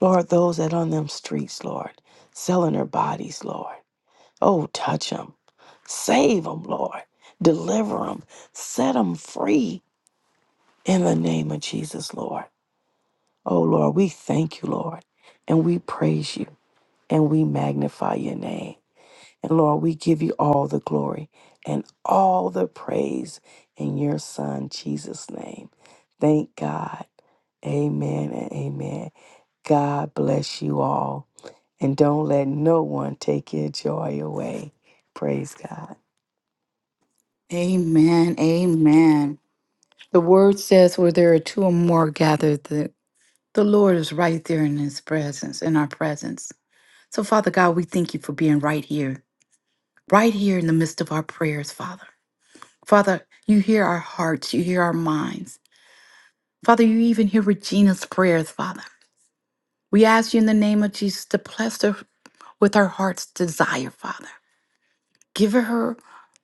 Speaker 5: Lord, those that on them streets, Lord, selling their bodies, Lord. Oh, touch them. Save them, Lord. Deliver them. Set them free in the name of Jesus, Lord. Oh, Lord, we thank you, Lord, and we praise you and we magnify your name. And Lord, we give you all the glory and all the praise in your Son, Jesus' name. Thank God. Amen and amen. God bless you all. And don't let no one take your joy away. Praise God.
Speaker 1: Amen. Amen. The word says where there are two or more gathered, the, the Lord is right there in his presence, in our presence. So, Father God, we thank you for being right here, right here in the midst of our prayers, Father. Father, you hear our hearts, you hear our minds. Father, you even hear Regina's prayers, Father. We ask you in the name of Jesus to bless her with her heart's desire, Father. Give her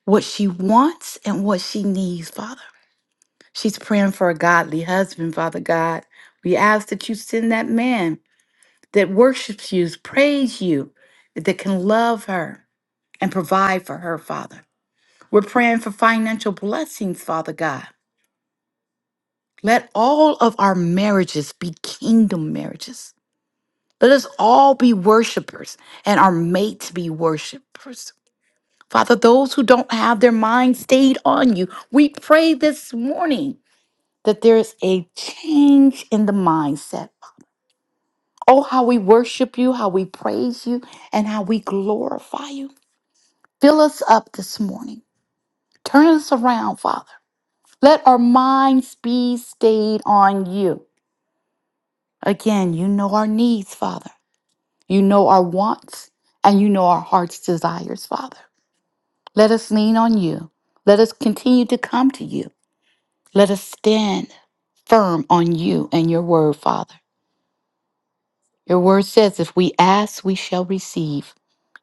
Speaker 1: what she wants and what she needs, Father. She's praying for a godly husband, Father God. We ask that you send that man that worships you, praise you, that can love her and provide for her, Father. We're praying for financial blessings, Father God. Let all of our marriages be kingdom marriages. Let us all be worshipers and are made to be worshipers. Father, those who don't have their mind stayed on you, we pray this morning that there is a change in the mindset. Oh, how we worship you, how we praise you, and how we glorify you. Fill us up this morning. Turn us around, Father. Let our minds be stayed on you. Again, you know our needs, Father. You know our wants, and you know our heart's desires, Father. Let us lean on you. Let us continue to come to you. Let us stand firm on you and your word, Father. Your word says, if we ask, we shall receive.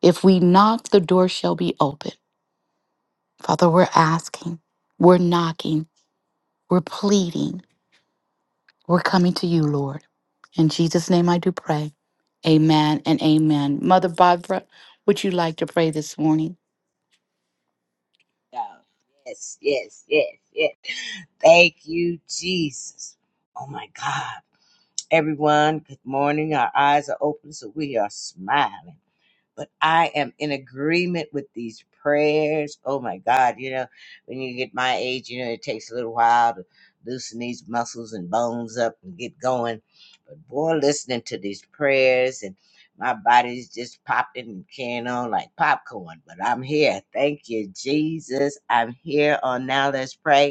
Speaker 1: If we knock, the door shall be open. Father, we're asking, we're knocking, we're pleading, we're coming to you, Lord. In Jesus' name I do pray. Amen and amen. Mother Barbara, would you like to pray this morning?
Speaker 3: Oh, yes, yes, yes, yes. Thank you, Jesus. Oh my God. Everyone, good morning. Our eyes are open, so we are smiling. but I am in agreement with these prayers. Oh my God, you know, when you get my age, you know, it takes a little while to loosen these muscles and bones up and get going. But boy, listening to these prayers and my body's just popping and carrying on like popcorn, but I'm here. Thank you, Jesus. I'm here on Now Let's Pray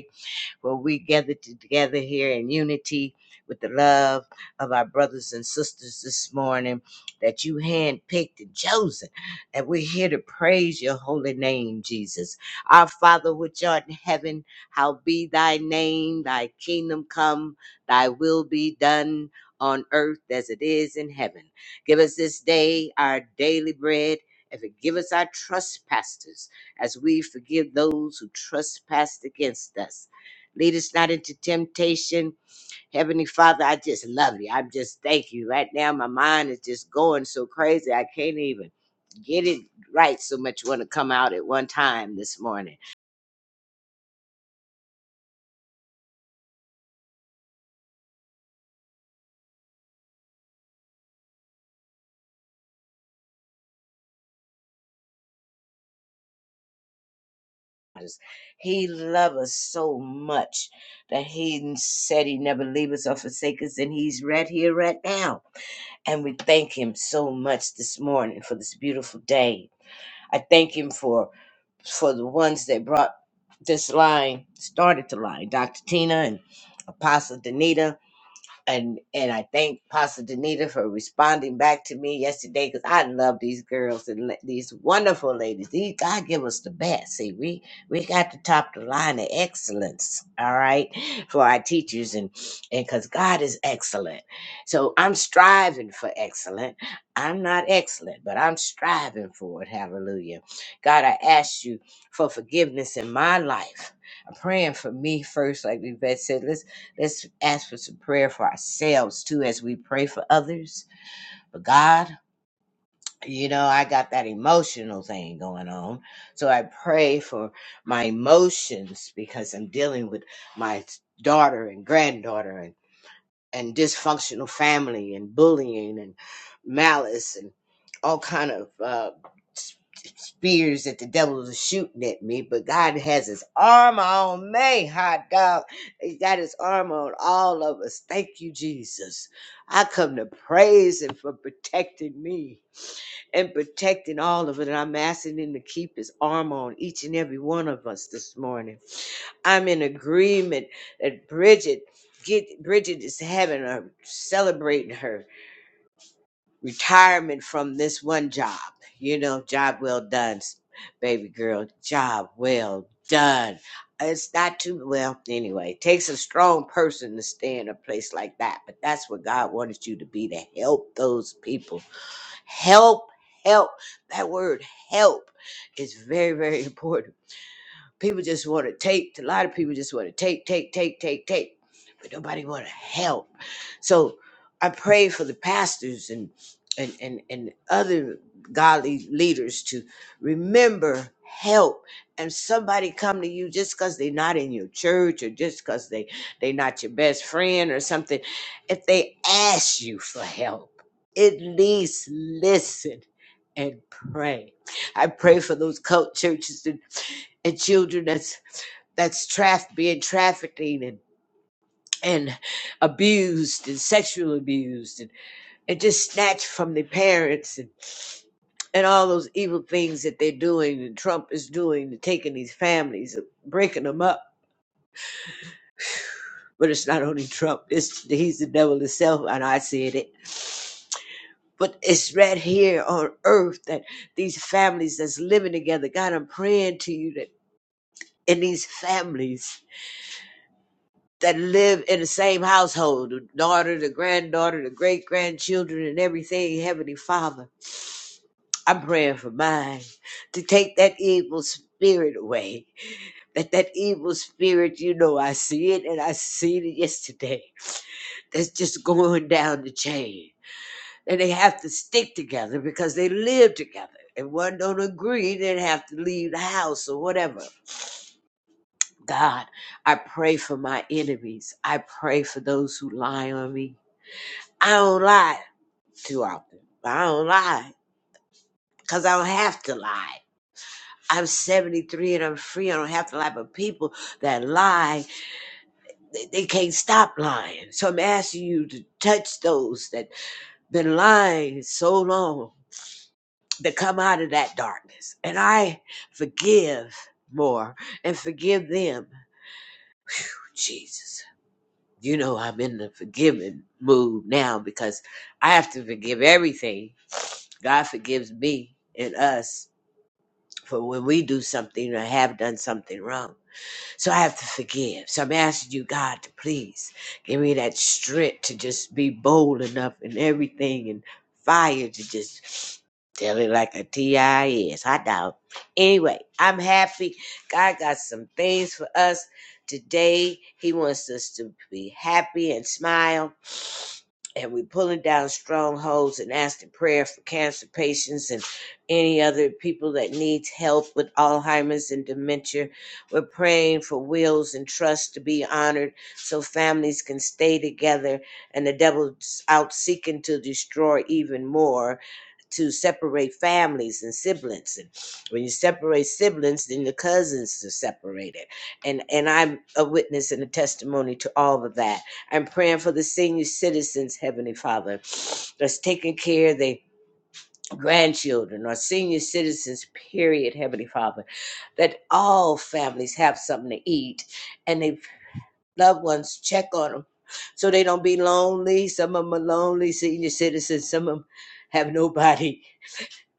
Speaker 3: where we gather together here in unity with the love of our brothers and sisters this morning that you handpicked and chosen. And we're here to praise your holy name, Jesus. Our Father, which art in heaven, how be thy name, thy kingdom come, thy will be done on earth as it is in heaven. Give us this day our daily bread. And forgive us our trespasses as we forgive those who trespass against us Lead us not into temptation. Heavenly Father, I just love you. I just thank you. Right now, my mind is just going so crazy. I can't even get it right so much want to come out at one time this morning. He loves us so much that he said he never leave us or forsake us, and he's right here, right now. And we thank him so much this morning for this beautiful day. I thank him for for the ones that brought this line, started the line, Dr. Tina and Apostle Danita and and I thank Pastor Danita for responding back to me yesterday because I love these girls and these wonderful ladies. These God give us the best. See, we we got to top the line of excellence. All right, for our teachers and and because God is excellent, so I'm striving for excellent. I'm not excellent, but I'm striving for it. Hallelujah, God, I ask you for forgiveness in my life. I'm praying for me first, like Yvette said. Let's ask for some prayer for ourselves too as we pray for others. But God, you know, I got that emotional thing going on. So I pray for my emotions because I'm dealing with my daughter and granddaughter and and dysfunctional family and bullying and malice and all kind of uh, spears that the devil is shooting at me. But God has His arm on me, hot dog. He got His arm on all of us. Thank you, Jesus. I come to praise Him for protecting me and protecting all of it. And I'm asking him to keep his arm on each and every one of us this morning. I'm in agreement that Bridget get Bridget is having a celebrating her retirement from this one job. You know, job well done, baby girl. Job well done. It's not too well anyway. It takes a strong person to stay in a place like that, but that's what God wanted you to be to help those people help help that word help is very very important people just want to take a lot of people just want to take take take take take nobody want to help so i pray for the pastors and and and, and other godly leaders to remember help and somebody come to you just because they're not in your church or just because they they not your best friend or something if they ask you for help at least listen and pray i pray for those cult churches and, and children that's that's traff being trafficked and abused and sexually abused and, and just snatched from their parents and and all those evil things that they're doing and Trump is doing to taking these families and breaking them up. But it's not only Trump, it's he's the devil himself, and I said it. But it's right here on earth that these families that's living together, God, I'm praying to you that in these families that live in the same household, the daughter, the granddaughter, the great grandchildren, and everything, Heavenly Father I'm praying for mine to take that evil spirit away. That that evil spirit, you know, I see it and I seen it yesterday. That's just going down the chain. And they have to stick together because they live together. If one don't agree, then have to leave the house or whatever. God, I pray for my enemies. I pray for those who lie on me. I don't lie too often. I don't lie because I don't have to lie. I'm 73 and I'm free. I don't have to lie, but people that lie, they, they can't stop lying. So I'm asking you to touch those that been lying so long to come out of that darkness. And I forgive more and forgive them. Jesus, you know I'm in the forgiving mood now because I have to forgive everything. God forgives me and us for when we do something or have done something wrong. So I have to forgive. So I'm asking you, God, to please give me that strength to just be bold enough in everything and fire to just tell it like a TI is. I doubt. Anyway, I'm happy. God got some things for us today. He wants us to be happy and smile and we're pulling down strongholds and asking prayer for cancer patients and any other people that needs help with Alzheimer's and dementia. We're praying for wills and trusts to be honored so families can stay together and the devil's out seeking to destroy even more to separate families and siblings and when you separate siblings then the cousins are separated and and i'm a witness and a testimony to all of that I'm praying for the senior citizens, Heavenly Father, that's taking care of their grandchildren or senior citizens, period, Heavenly Father, that all families have something to eat and their loved ones check on them so they don't be lonely. Some of them are lonely, senior citizens, some of them have nobody.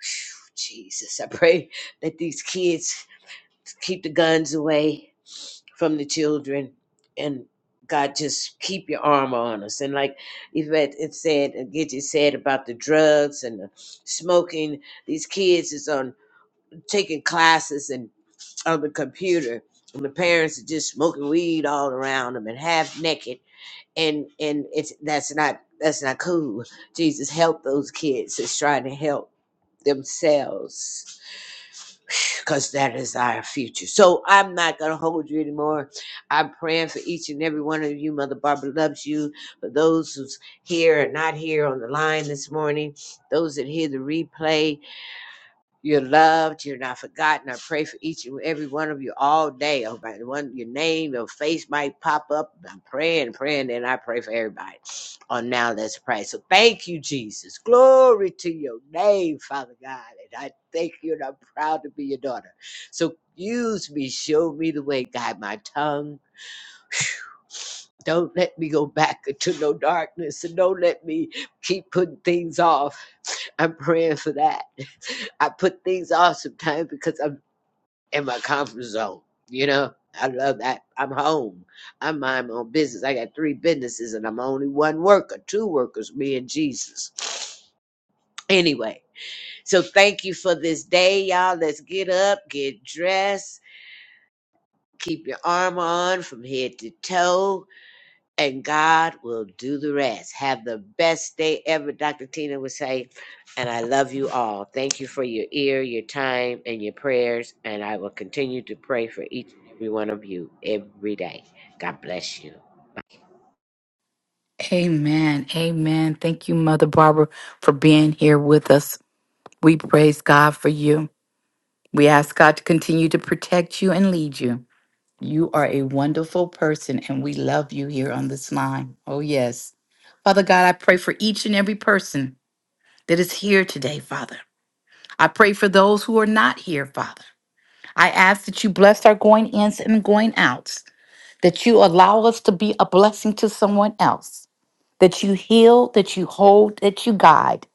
Speaker 3: Phew, Jesus, I pray that these kids keep the guns away from the children and God just keep your arm on us. And like Yvette it said, and Gidget said about the drugs and the smoking, these kids is on taking classes and on the computer. And the parents are just smoking weed all around them and half naked. And and it's that's not that's not cool. Jesus help those kids that's trying to help themselves because that is our future. So I'm not going to hold you anymore. I'm praying for each and every one of you. Mother Barbara loves you. For those who's here and not here on the line this morning, those that hear the replay, you're loved. You're not forgotten. I pray for each and every one of you all day. Oh, by the one, your name, your face might pop up. I'm praying, praying, and I pray for everybody. Oh, now let's pray. So thank you, Jesus. Glory to your name, Father God. And I thank you, and I'm proud to be your daughter. So use me, show me the way, guide my tongue. Don't let me go back into no darkness, and don't let me keep putting things off. I'm praying for that. I put things off sometimes because I'm in my comfort zone. You know, I love that. I'm home. I mind my own business. I got three businesses and I'm only one worker, two workers, me and Jesus. Anyway, so thank you for this day, y'all. Let's get up, get dressed, keep your armor on from head to toe and God will do the rest. Have the best day ever, Dr. Tina would say. And I love you all. Thank you for your ear, your time, and your prayers. And I will continue to pray for each and every one of you every day. God bless you.
Speaker 1: Amen. Amen. Thank you, Mother Barbara, for being here with us. We praise God for you. We ask God to continue to protect you and lead you. You are a wonderful person, and we love you here on this line. Oh, yes. Father God, I pray for each and every person that is here today, Father. I pray for those who are not here, Father. I ask that you bless our going ins and going outs, that you allow us to be a blessing to someone else, that you heal, that you hold, that you guide,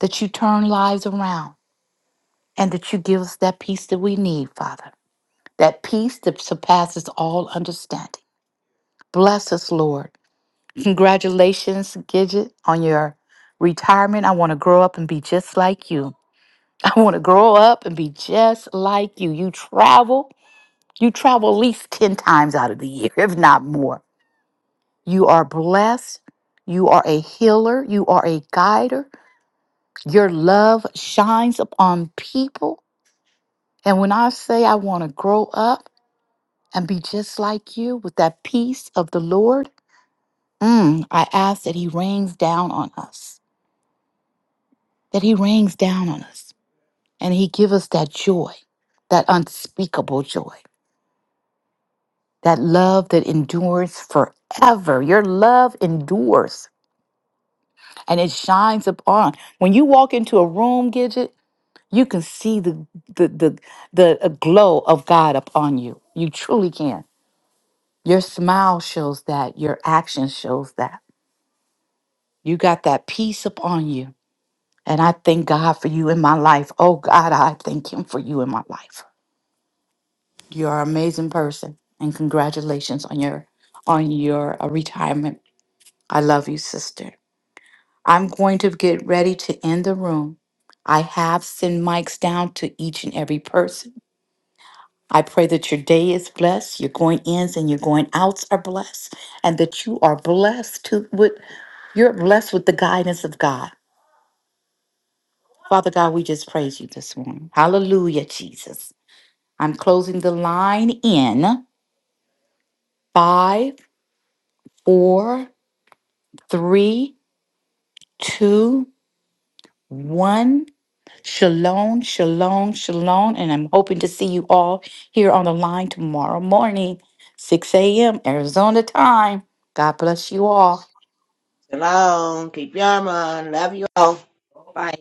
Speaker 1: that you turn lives around, and that you give us that peace that we need, Father. that peace that surpasses all understanding. Bless us, Lord. Congratulations, Gidget, on your retirement. I want to grow up and be just like you. I want to grow up and be just like you. You travel, you travel at least 10 times out of the year, if not more. You are blessed. You are a healer. You are a guider. Your love shines upon people. And when I say I want to grow up and be just like you with that peace of the Lord, Mm, I ask that He rains down on us, that He rains down on us, and He give us that joy, that unspeakable joy, that love that endures forever. Your love endures and it shines upon. When you walk into a room, Gidget, you can see the the the the uh, glow of God upon you. You truly can. Your smile shows that. Your action shows that. You got that peace upon you And I thank God for you in my life. Oh God, I thank him for you in my life. You're an amazing person and congratulations on your on your uh, retirement. I love you, sister. I'm going to get ready to end the room. I have sent mics down to each and every person. I pray that your day is blessed, your going ins and your going outs are blessed, and that you are blessed to with you're blessed with the guidance of God. Father God, we just praise you this morning. Hallelujah, Jesus. I'm closing the line in five, four, three, two, one. Shalom, shalom, shalom. And I'm hoping to see you all here on the line tomorrow morning, 6 a.m. Arizona time. God bless you all.
Speaker 3: Shalom. Keep your arm on. Love you all. Bye.